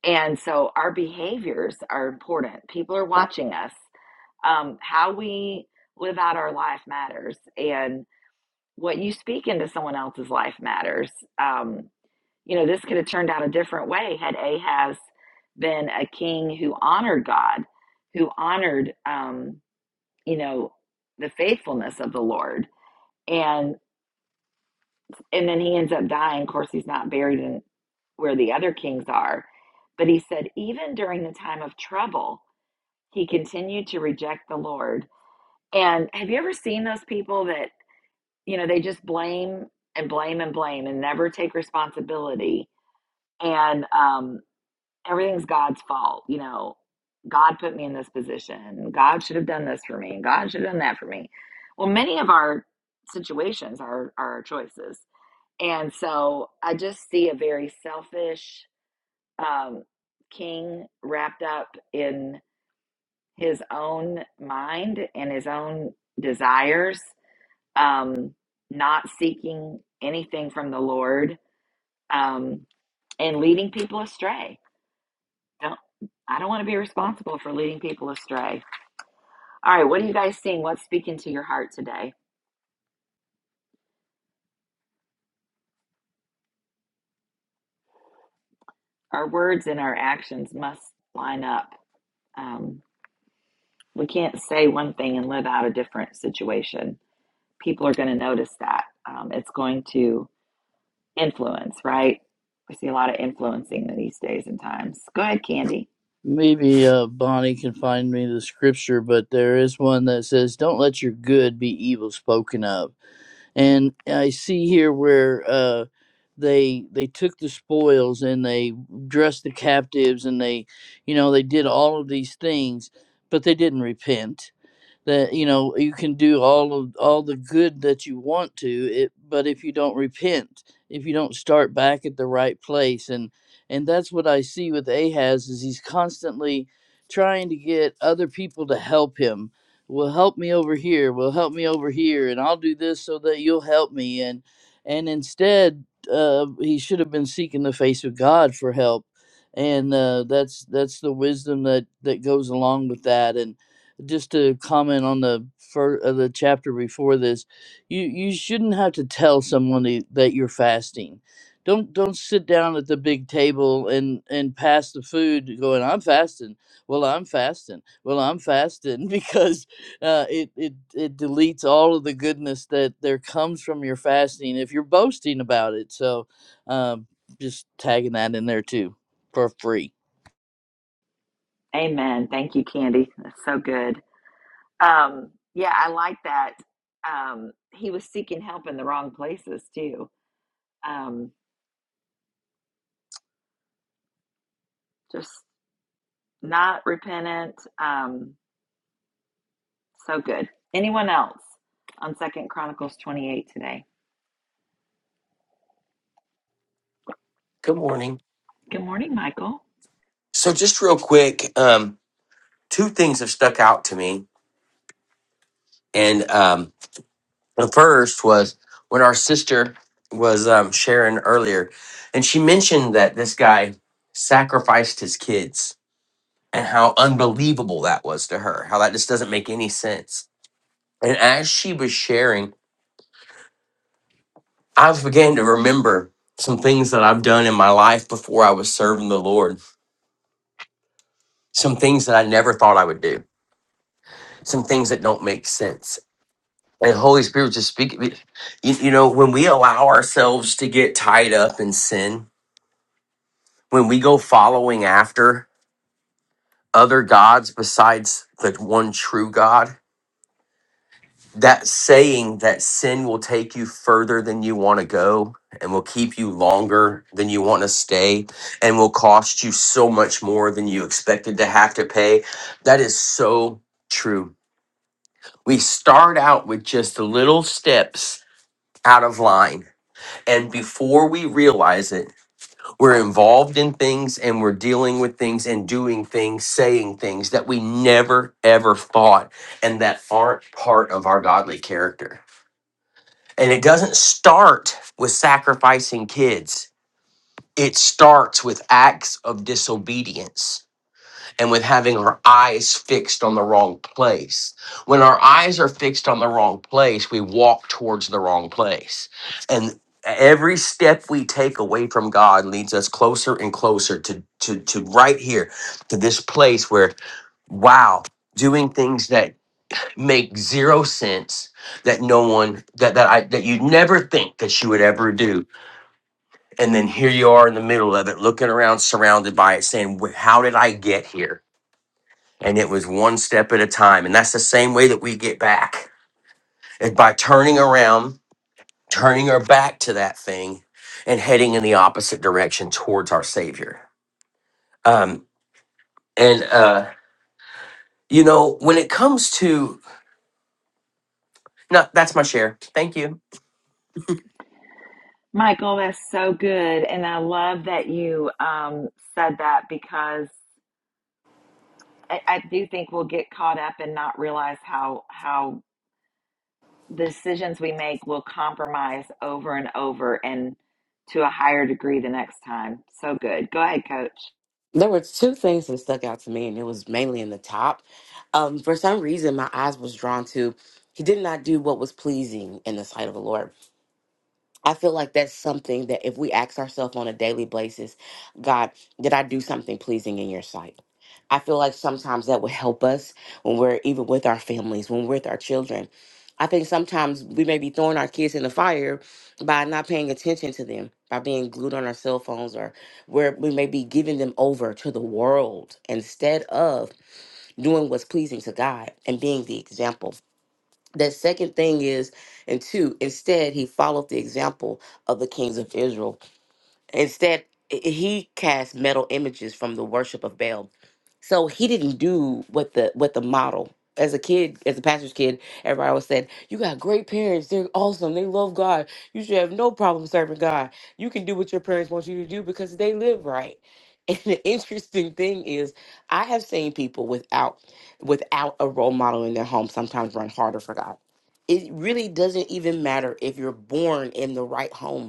And so our behaviors are important. People are watching us. Um, how we live out our life matters. And what you speak into someone else's life matters. Um, you know, this could have turned out a different way had Ahaz been a king who honored God, who honored, um, you know, the faithfulness of the Lord. And and then he ends up dying. Of course, he's not buried in where the other kings are. But he said, even during the time of trouble, he continued to reject the Lord. And have you ever seen those people that, you know, they just blame and blame and blame and never take responsibility? And um, everything's God's fault. You know, God put me in this position. God should have done this for me. God should have done that for me. Well, many of our situations are, are our choices. And so I just see a very selfish um, king wrapped up in his own mind and his own desires, um, not seeking anything from the Lord, um, and leading people astray. Don't I don't want to be responsible for leading people astray. All right, what are you guys seeing? What's speaking to your heart today? Our words and our actions must line up. Um, we can't say one thing and live out a different situation. People are going to notice that. Um, it's going to Influence, right? We see a lot of influencing these days and times. Go ahead, Candy.
Maybe uh, Bonnie can find me the scripture, but there is one that says, "Don't let your good be evil spoken of." and I see here where uh, they they took the spoils and they dressed the captives and they, you know, they did all of these things, but they didn't repent that you know you can do all of all the good that you want to it but if you don't repent if you don't start back at the right place and and that's what i see with ahaz is he's constantly trying to get other people to help him will help me over here will help me over here and i'll do this so that you'll help me and and instead uh, he should have been seeking the face of god for help and uh, that's that's the wisdom that that goes along with that and just to comment on the first uh, the chapter before this you you shouldn't have to tell someone that that you're fasting don't don't sit down at the big table and and pass the food going i'm fasting well i'm fasting well i'm fasting [LAUGHS] because uh, it, it it deletes all of the goodness that there comes from your fasting if you're boasting about it so um, just tagging that in there too for free
Amen. Thank you, Candy. That's so good. Um, yeah, I like that. Um, he was seeking help in the wrong places too. Um, just not repentant. Um, so good. Anyone else on Second Chronicles twenty eight today?
Good morning.
Good morning, Michael.
So, just real quick, um, two things have stuck out to me, and um, the first was when our sister was um, sharing earlier, and she mentioned that this guy sacrificed his kids and how unbelievable that was to her. How that just doesn't make any sense. And as she was sharing, I began to remember some things that I've done in my life before I was serving the Lord. Some things that I never thought I would do. Some things that don't make sense And Holy Spirit just speak. You, you know, when we allow ourselves to get tied up in sin, when we go following after other gods besides the one true God, that saying that sin will take you further than you want to go and will keep you longer than you want to stay and will cost you so much more than you expected to have to pay, that is so true. We start out with just little steps out of line And before we realize it, we're involved in things and we're dealing with things and doing things, saying things that we never ever thought and that aren't part of our godly character. And it doesn't start with sacrificing kids, it starts with acts of disobedience and with having our eyes fixed on the wrong place. When our eyes are fixed on the wrong place, we walk towards the wrong place. And every step we take away from God leads us closer and closer to, to, to right here, to this place where, wow, doing things that make zero sense that no one that that I that you'd never think that you would ever do and then here you are in the middle of it looking around surrounded by it saying "Wh- how did I get here and it was one step at a time and that's the same way that we get back is by turning around turning our back to that thing and heading in the opposite direction towards our savior um and uh you know when it comes to no that's my share thank you
Michael, that's so good, and I love that you um, said that because I, I do think we'll get caught up and not realize how how the decisions we make will compromise over and over and to a higher degree the next time. So good. Go ahead, coach.
There were two things that stuck out to me, and it was mainly in the top. Um, for some reason, my eyes was drawn to he did not do what was pleasing in the sight of the Lord. I feel like that's something that if we ask ourselves on a daily basis, God, did I do something pleasing in your sight? I feel like sometimes that would help us when we're even with our families, when we're with our children. I think sometimes we may be throwing our kids in the fire by not paying attention to them, by being glued on our cell phones, or where we may be giving them over to the world instead of doing what's pleasing to God and being the example. The second thing is, and two, instead, he followed the example of the kings of Israel Instead, i- he cast metal images from the worship of Baal. So he didn't do what the what the model. As a kid, as a pastor's kid, everybody always said, "You got great parents. They're awesome. They love God. You should have no problem serving God. You can do what your parents want you to do because they live right." [LAUGHS] And the interesting thing is, I have seen people without without a role model in their home sometimes run harder for God. It really doesn't even matter if you're born in the right home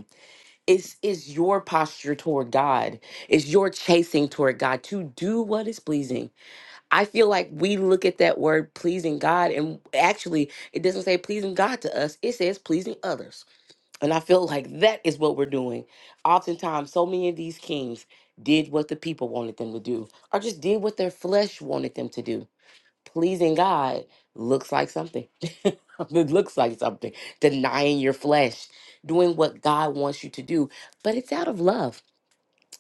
it's it's your posture toward God. It's your chasing toward God to do what is pleasing. I feel like we look at that word pleasing God, and actually, it doesn't say pleasing God to us. It says pleasing others, and I feel like that is what we're doing. Oftentimes, so many of these kings did what the people wanted them to do, or just did what their flesh wanted them to do pleasing God looks like something. [LAUGHS] it looks like something. Denying your flesh, doing what God wants you to do, but it's out of love.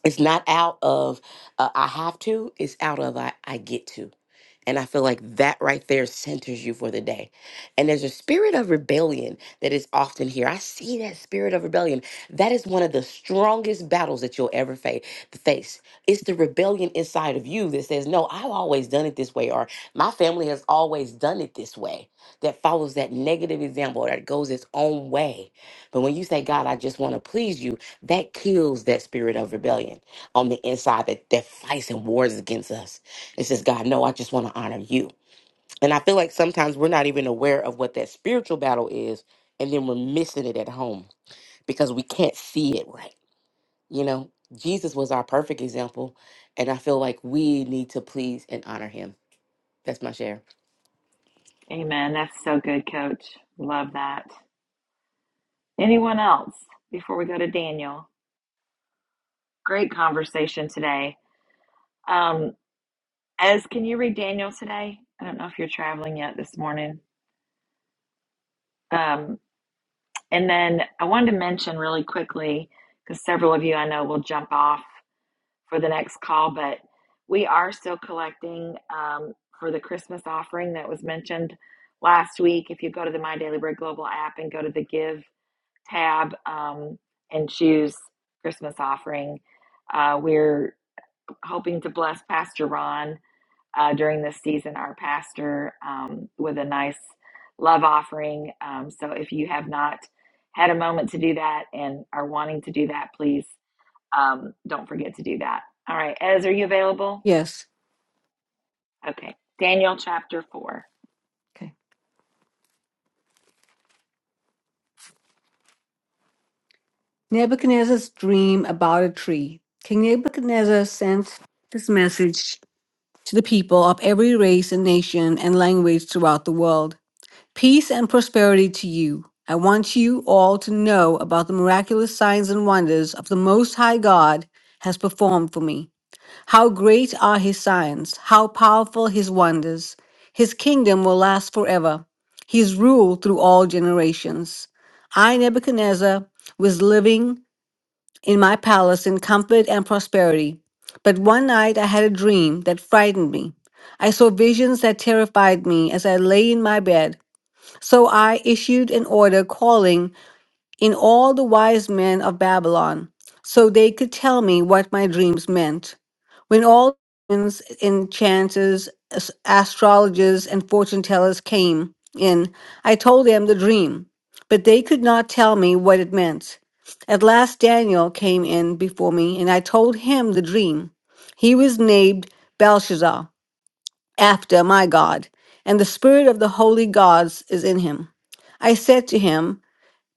It's not out of uh, I have to. It's out of I, I get to. And I feel like that right there centers you for the day. And there's a spirit of rebellion that is often here. I see that spirit of rebellion. That is one of the strongest battles that you'll ever fa- face. It's the rebellion inside of you that says, No, I've always done it this way, or my family has always done it this way, that follows that negative example that goes its own way. But when you say, God, I just want to please you, that kills that spirit of rebellion on the inside that, that fights and wars against us. It says, God, no, I just want to honor you. And I feel like sometimes we're not even aware of what that spiritual battle is, and then we're missing it at home because we can't see it right. You know, Jesus was our perfect example, and I feel like we need to please and honor him. That's my share.
Amen. That's so good, coach. Love that. Anyone else before we go to Daniel? Great conversation today. Um, Ez, can you read Daniel today? I don't know if you're traveling yet this morning. Um, and then I wanted to mention really quickly because several of you I know will jump off for the next call, but we are still collecting um, for the Christmas offering that was mentioned last week. If you go to the My Daily Bread Global app and go to the Give tab um, and choose Christmas offering, uh, we're hoping to bless Pastor Ron uh, during this season, our pastor, um, with a nice love offering. Um, so if you have not had a moment to do that and are wanting to do that, please um, don't forget to do that. All right, Ez, are you available?
Yes.
Okay, Daniel chapter 4.
Okay. Nebuchadnezzar's dream about a tree. King Nebuchadnezzar sent this message to the people of every race and nation and language throughout the world Peace and prosperity to you. I want you all to know about the miraculous signs and wonders of the Most High God has performed for me. How great are his signs, how powerful his wonders. His kingdom will last forever, his rule through all generations. I, Nebuchadnezzar, was living in my palace in comfort and prosperity. But one night I had a dream that frightened me. I saw visions that terrified me as I lay in my bed. So I issued an order calling in all the wise men of Babylon, so they could tell me what my dreams meant. When all winds, enchanters, as- astrologers, and fortune tellers came in, I told them the dream, but they could not tell me what it meant. At last Daniel came in before me, and I told him the dream. He was named Belshazzar, after my God, and the spirit of the holy gods is in him. I said to him,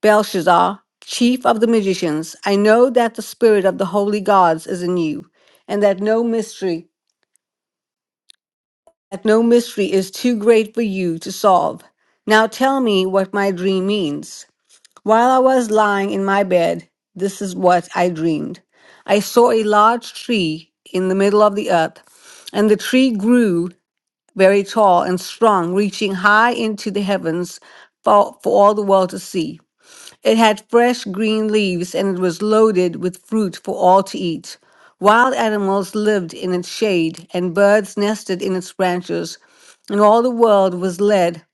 Belshazzar, chief of the magicians, I know that the spirit of the holy gods is in you, and that no mystery, that no mystery is too great for you to solve. Now tell me what my dream means. While I was lying in my bed, this is what I dreamed. I saw a large tree in the middle of the earth, and the tree grew very tall and strong, reaching high into the heavens for, for all the world to see. It had fresh green leaves and it was loaded with fruit for all to eat. Wild animals lived in its shade and birds nested in its branches, and all the world was led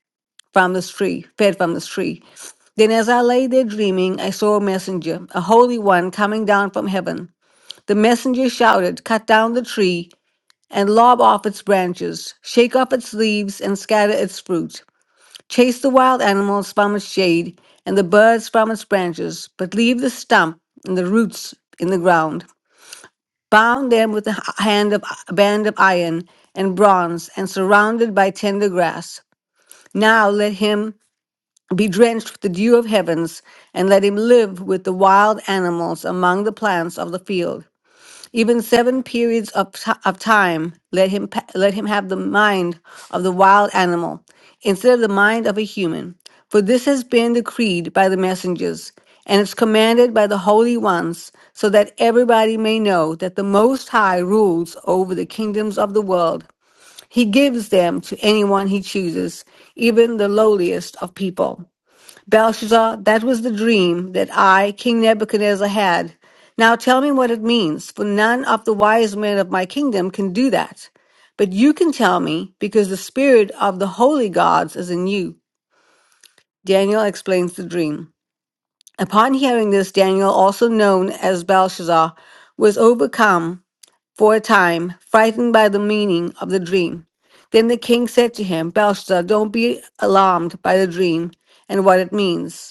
from this tree, fed from this tree. Then, as I lay there dreaming, I saw a messenger, a holy one, coming down from heaven. The messenger shouted, Cut down the tree and lob off its branches, shake off its leaves and scatter its fruit. Chase the wild animals from its shade and the birds from its branches, but leave the stump and the roots in the ground. Bound them with a h- hand of, band of iron and bronze and surrounded by tender grass. Now let him be drenched with the dew of heavens and let him live with the wild animals among the plants of the field. Even seven periods of, ti of time, let him, pa- let him have the mind of the wild animal instead of the mind of a human. For this has been decreed by the messengers, and it's commanded by the holy ones, so that everybody may know that the Most High rules over the kingdoms of the world. He gives them to anyone he chooses, even the lowliest of people. Belshazzar, that was the dream that I, King Nebuchadnezzar, had. Now tell me what it means, for none of the wise men of my kingdom can do that. But you can tell me, because the spirit of the holy gods is in you. Daniel explains the dream. Upon hearing this, Daniel, also known as Belshazzar, was overcome for a time, frightened by the meaning of the dream. Then the king said to him, Belshazzar, don't be alarmed by the dream and what it means.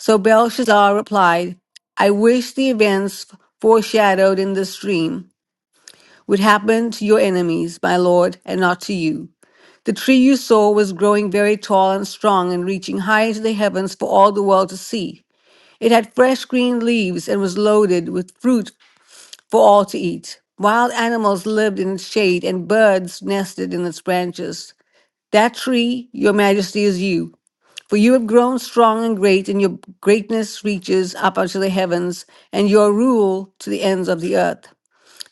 So Belshazzar replied, I wish the events foreshadowed in this dream would happen to your enemies, my lord, and not to you. The tree you saw was growing very tall and strong and reaching high into the heavens for all the world to see. It had fresh green leaves and was loaded with fruit for all to eat. Wild animals lived in its shade and birds nested in its branches. That tree, your majesty, is you. For you have grown strong and great, and your greatness reaches up unto the heavens, and your rule to the ends of the earth.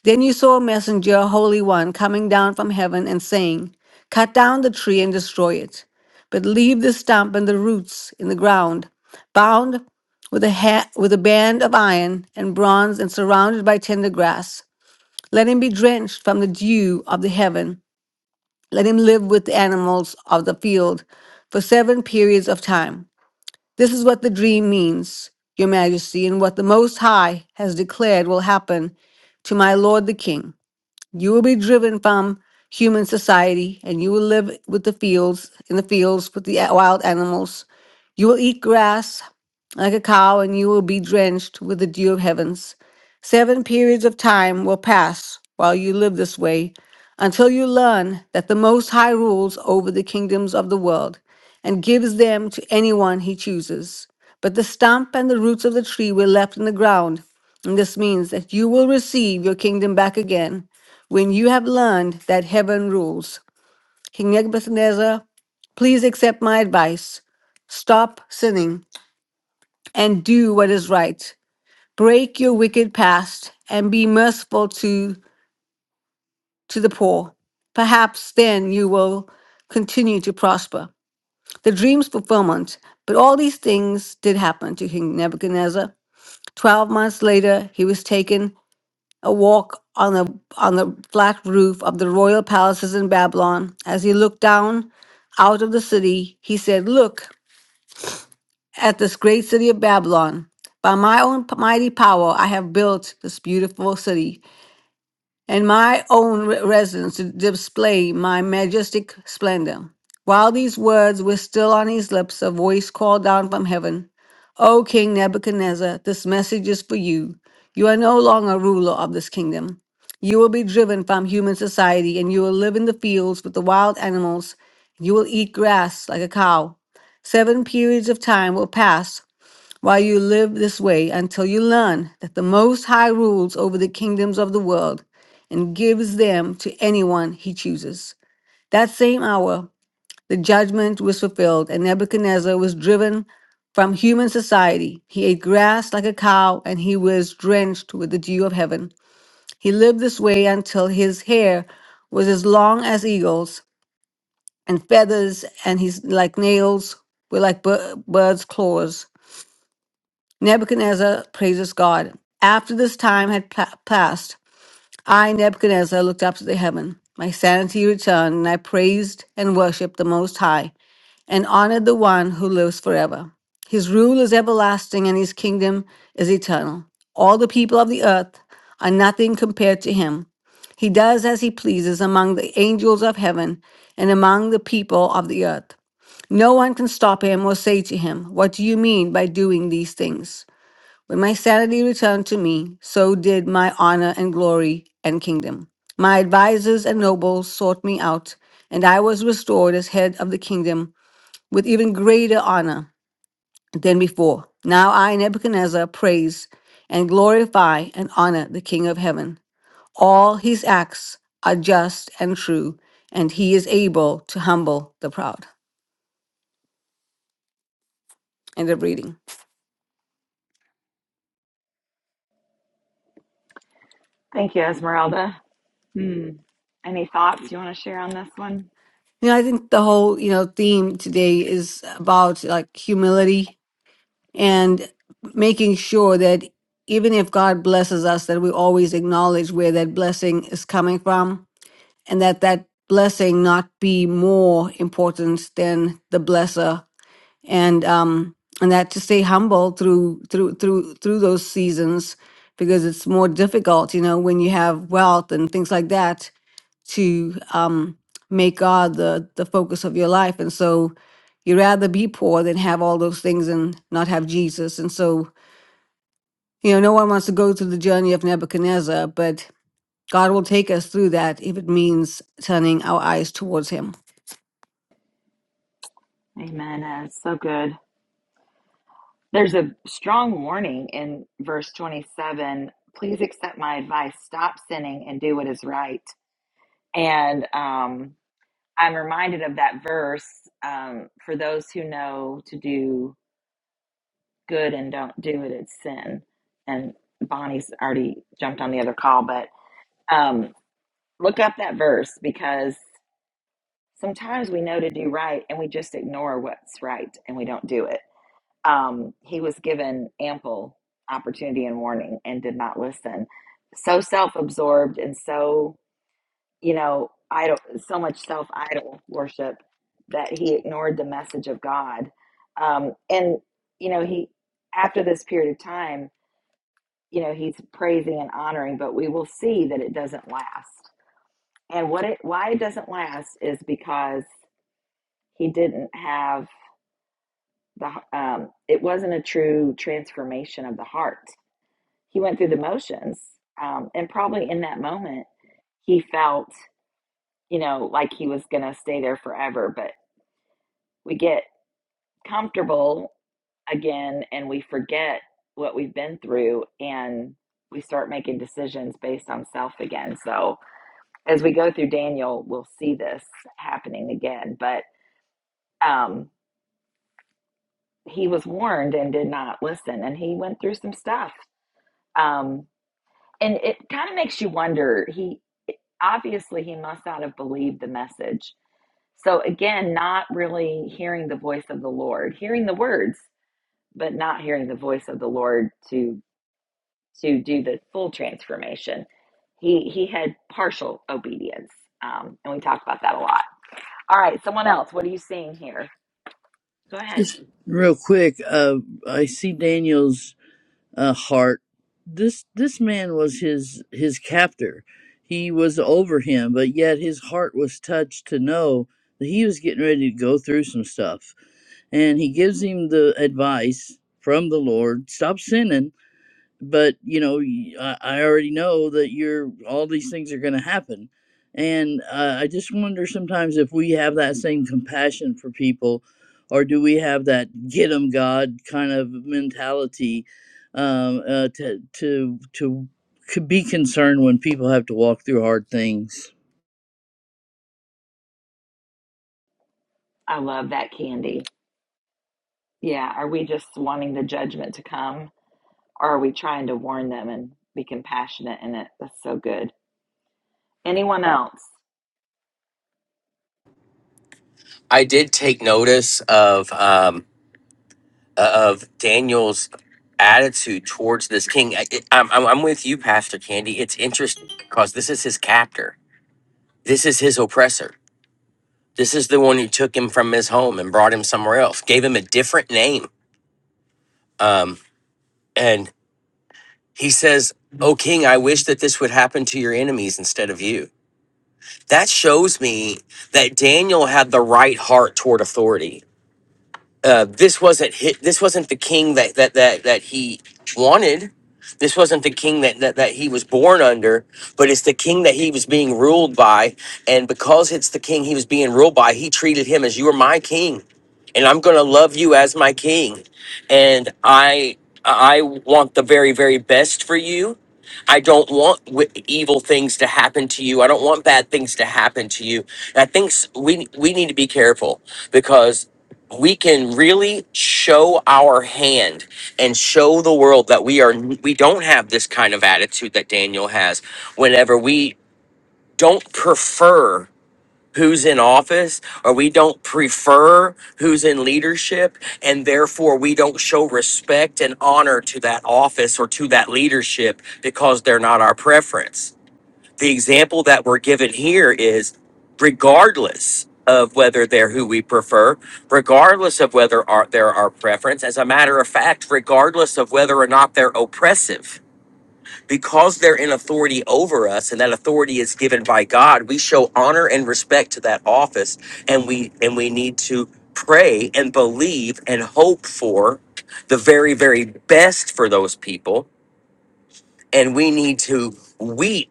Then you saw a messenger, a holy one, coming down from heaven and saying, Cut down the tree and destroy it, but leave the stump and the roots in the ground, bound with a, ha- with a band of iron and bronze and surrounded by tender grass. Let him be drenched from the dew of the heaven. Let him live with the animals of the field for seven periods of time. This is what the dream means, Your Majesty, and what the Most High has declared will happen to my lord the king. You will be driven from human society, and you will live with the fields, in the fields with the wild animals. You will eat grass like a cow, and you will be drenched with the dew of heavens. Seven periods of time will pass while you live this way until you learn that the Most High rules over the kingdoms of the world and gives them to anyone he chooses. But the stump and the roots of the tree were left in the ground, and this means that you will receive your kingdom back again when you have learned that heaven rules. King Nebuchadnezzar, please accept my advice. Stop sinning and do what is right. Break your wicked past and be merciful to, to the poor. Perhaps then you will continue to prosper. The dream's fulfillment. But all these things did happen to King Nebuchadnezzar. Twelve months later, he was taken a walk on the on the flat roof of the royal palaces in Babylon. As he looked down out of the city, he said, "Look, at this great city of Babylon. By my own mighty power, I have built this beautiful city and my own re- residence to display my majestic splendor. While these words were still on his lips, a voice called down from heaven O King Nebuchadnezzar, this message is for you. You are no longer ruler of this kingdom. You will be driven from human society, and you will live in the fields with the wild animals. You will eat grass like a cow. Seven periods of time will pass while you live this way until you learn that the Most High rules over the kingdoms of the world and gives them to anyone he chooses. That same hour, the judgment was fulfilled, and Nebuchadnezzar was driven from human society. He ate grass like a cow, and he was drenched with the dew of heaven. He lived this way until his hair was as long as eagles, and feathers and his like nails were like bir- birds' claws. Nebuchadnezzar praises God. After this time had pa- passed, I, Nebuchadnezzar, looked up to the heaven. My sanity returned, and I praised and worshiped the Most High, and honored the one who lives forever. His rule is everlasting, and his kingdom is eternal. All the people of the earth are nothing compared to him. He does as he pleases among the angels of heaven and among the people of the earth. No one can stop him or say to him, What do you mean by doing these things? When my sanity returned to me, so did my honor and glory and kingdom. My advisors and nobles sought me out, and I was restored as head of the kingdom with even greater honor than before. Now I, Nebuchadnezzar, praise and glorify and honor the King of heaven. All his acts are just and true, and he is able to humble the proud. End of reading.
Thank you, Esmeralda. Hmm. Any thoughts you want to share on this one?
You know, I think the whole, you know, theme today is about like humility and making sure that even if God blesses us, that we always acknowledge where that blessing is coming from and that that blessing not be more important than the blesser and um and that to stay humble through through through through those seasons because it's more difficult you know when you have wealth and things like that to um, make God the the focus of your life, and so you'd rather be poor than have all those things and not have Jesus. And so you know, no one wants to go through the journey of Nebuchadnezzar, but God will take us through that if it means turning our eyes towards Him.
Amen, Ez. So good. There's a strong warning in verse 27 please accept my advice, stop sinning, and do what is right. And um, I'm reminded of that verse um, for those who know to do good and don't do it, it's sin. And Bonnie's already jumped on the other call, but. Um, look up that verse because sometimes we know to do right and we just ignore what's right and we don't do it. Um, he was given ample opportunity and warning and did not listen. So self absorbed and so, you know, idol, so much self idol worship that he ignored the message of God. Um, and, you know, he, after this period of time, you know, he's praising and honoring, but we will see that it doesn't last And what it why it doesn't last is because he didn't have the um, it wasn't a true transformation of the heart. He went through the motions, um, and probably in that moment he felt you know like he was going to stay there forever. But we get comfortable again, and we forget what we've been through, and we start making decisions based on self again. So as we go through Daniel, we'll see this happening again, but. Um, he was warned and did not listen and he went through some stuff um and it kind of makes you wonder he obviously he must not have believed the message so again not really hearing the voice of the lord hearing the words but not hearing the voice of the lord to to do the full transformation he he had partial obedience um and we talked about that a lot all right someone else what are you seeing here go ahead
just real quick uh, i see daniel's uh, heart. This this man was his his captor. He was over him, but yet his heart was touched to know that he was getting ready to go through some stuff. And he gives him the advice from the Lord: stop sinning but you know y- I, I already know that you're all these things are going to happen and uh, i just wonder sometimes if we have that same compassion for people or do we have that get 'em god kind of mentality um, uh, to to to c- be concerned when people have to walk through hard things
i love that candy Yeah, are we just wanting the judgment to come, or are we trying to warn them and be compassionate in it? That's so good. Anyone else?
i did take notice of um of daniel's attitude towards this king I, it- I'm, I'm I'm with you pastor candy it's interesting because this is his captor this is his oppressor This is the one who took him from his home and brought him somewhere else, gave him a different name. Um, and he says, O king, I wish that this would happen to your enemies instead of you. That shows me that Daniel had the right heart toward authority uh, this wasn't hit. This wasn't the king that that that that he wanted. This wasn't the king that, that that he was born under, but it's the king that he was being ruled by. And because it's the king he was being ruled by, he treated him as you are my king, and I'm going to love you as my king, and I I want the very very best for you. I don't want w- evil things to happen to you. I don't want bad things to happen to you. And I think s- we we need to be careful because we can really show our hand and show the world that we are we don't have this kind of attitude that Daniel has whenever we don't prefer who's in office or we don't prefer who's in leadership and therefore we don't show respect and honor to that office or to that leadership because they're not our preference the example that we're given here is regardless of whether they're who we prefer, regardless of whether our, they're our preference, as a matter of fact, regardless of whether or not they're oppressive, because they're in authority over us and that authority is given by God, we show honor and respect to that office and we and we need to pray and believe and hope for the very very best for those people and we need to weep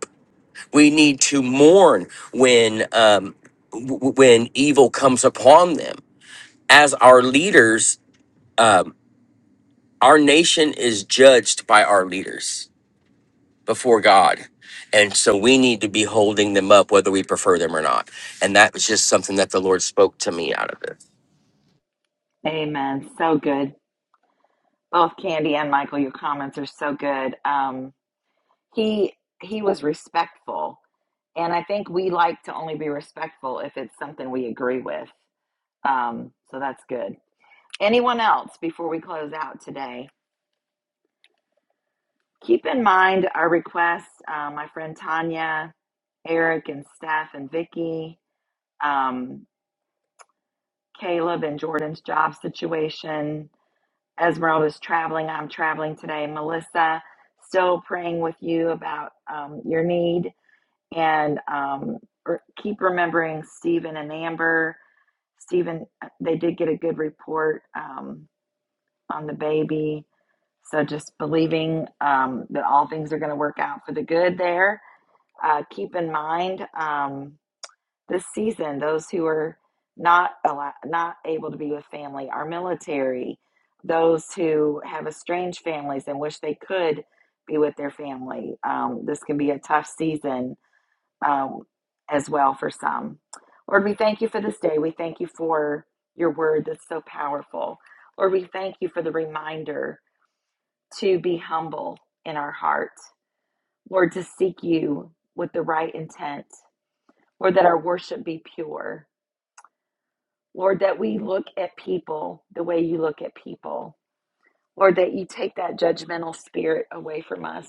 we need to mourn when um, w- when evil comes upon them. As our leaders, our nation is judged by our leaders before God, and so we need to be holding them up, whether we prefer them or not. And that was just something that the Lord spoke to me out of this.
Amen. So good. Both Candy and Michael, your comments are so good. Um, he he was respectful, and I think we like to only be respectful if it's something we agree with. Um, so that's good. Anyone else before we close out today? Keep in mind our requests. Uh, my friend Tanya, Eric, and Steph, and Vicky. um, Caleb and Jordan's job situation. Esmeralda's traveling. I'm traveling today. Melissa, still praying with you about um, your need. And um, r- keep remembering Stephen and Amber. Stephen, uh, they did get a good report um, on the baby. So just believing um, that all things are going to work out for the good there. Uh, keep in mind. Um, this season, those who are not allow, not able to be with family, our military, those who have estranged families and wish they could be with their family. Um, this can be a tough season um, as well for some. Lord, we thank you for this day. We thank you for your word that's so powerful. Lord, we thank you for the reminder to be humble in our heart. Lord, to seek you with the right intent. Lord, that our worship be pure. Lord, that we look at people the way you look at people. Lord, that you take that judgmental spirit away from us.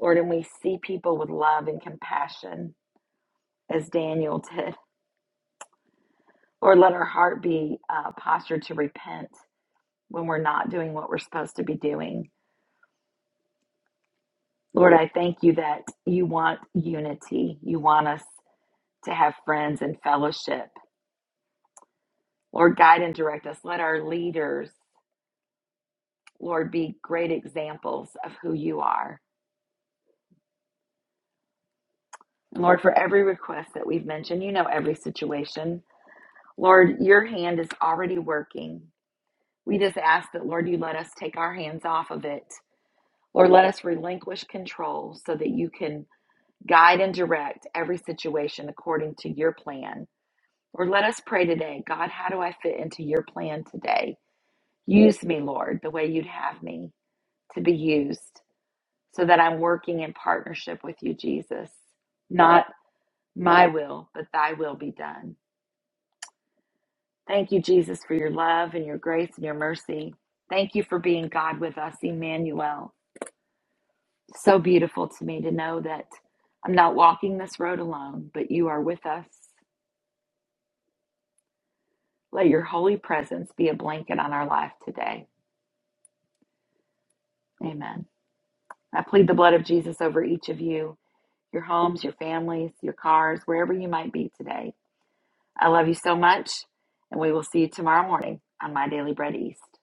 Lord, and we see people with love and compassion as Daniel did. Lord, let our heart be uh, postured to repent when we're not doing what we're supposed to be doing. Lord, I thank you that you want unity. You want us to have friends and fellowship. Lord, guide and direct us. Let our leaders, Lord, be great examples of who you are. And Lord, for every request that we've mentioned, you know every situation. Lord, your hand is already working. We just ask that, Lord, you let us take our hands off of it. Lord, let us relinquish control so that you can guide and direct every situation according to your plan. Lord, let us pray today God, how do I fit into your plan today? Use me, Lord, the way you'd have me to be used so that I'm working in partnership with you, Jesus. Not my will, but thy will be done. Thank you, Jesus, for your love and your grace and your mercy. Thank you for being God with us, Emmanuel. So beautiful to me to know that I'm not walking this road alone, but you are with us. Let your holy presence be a blanket on our life today. Amen. I plead the blood of Jesus over each of you, your homes, your families, your cars, wherever you might be today. I love you so much, and we will see you tomorrow morning on My Daily Bread East.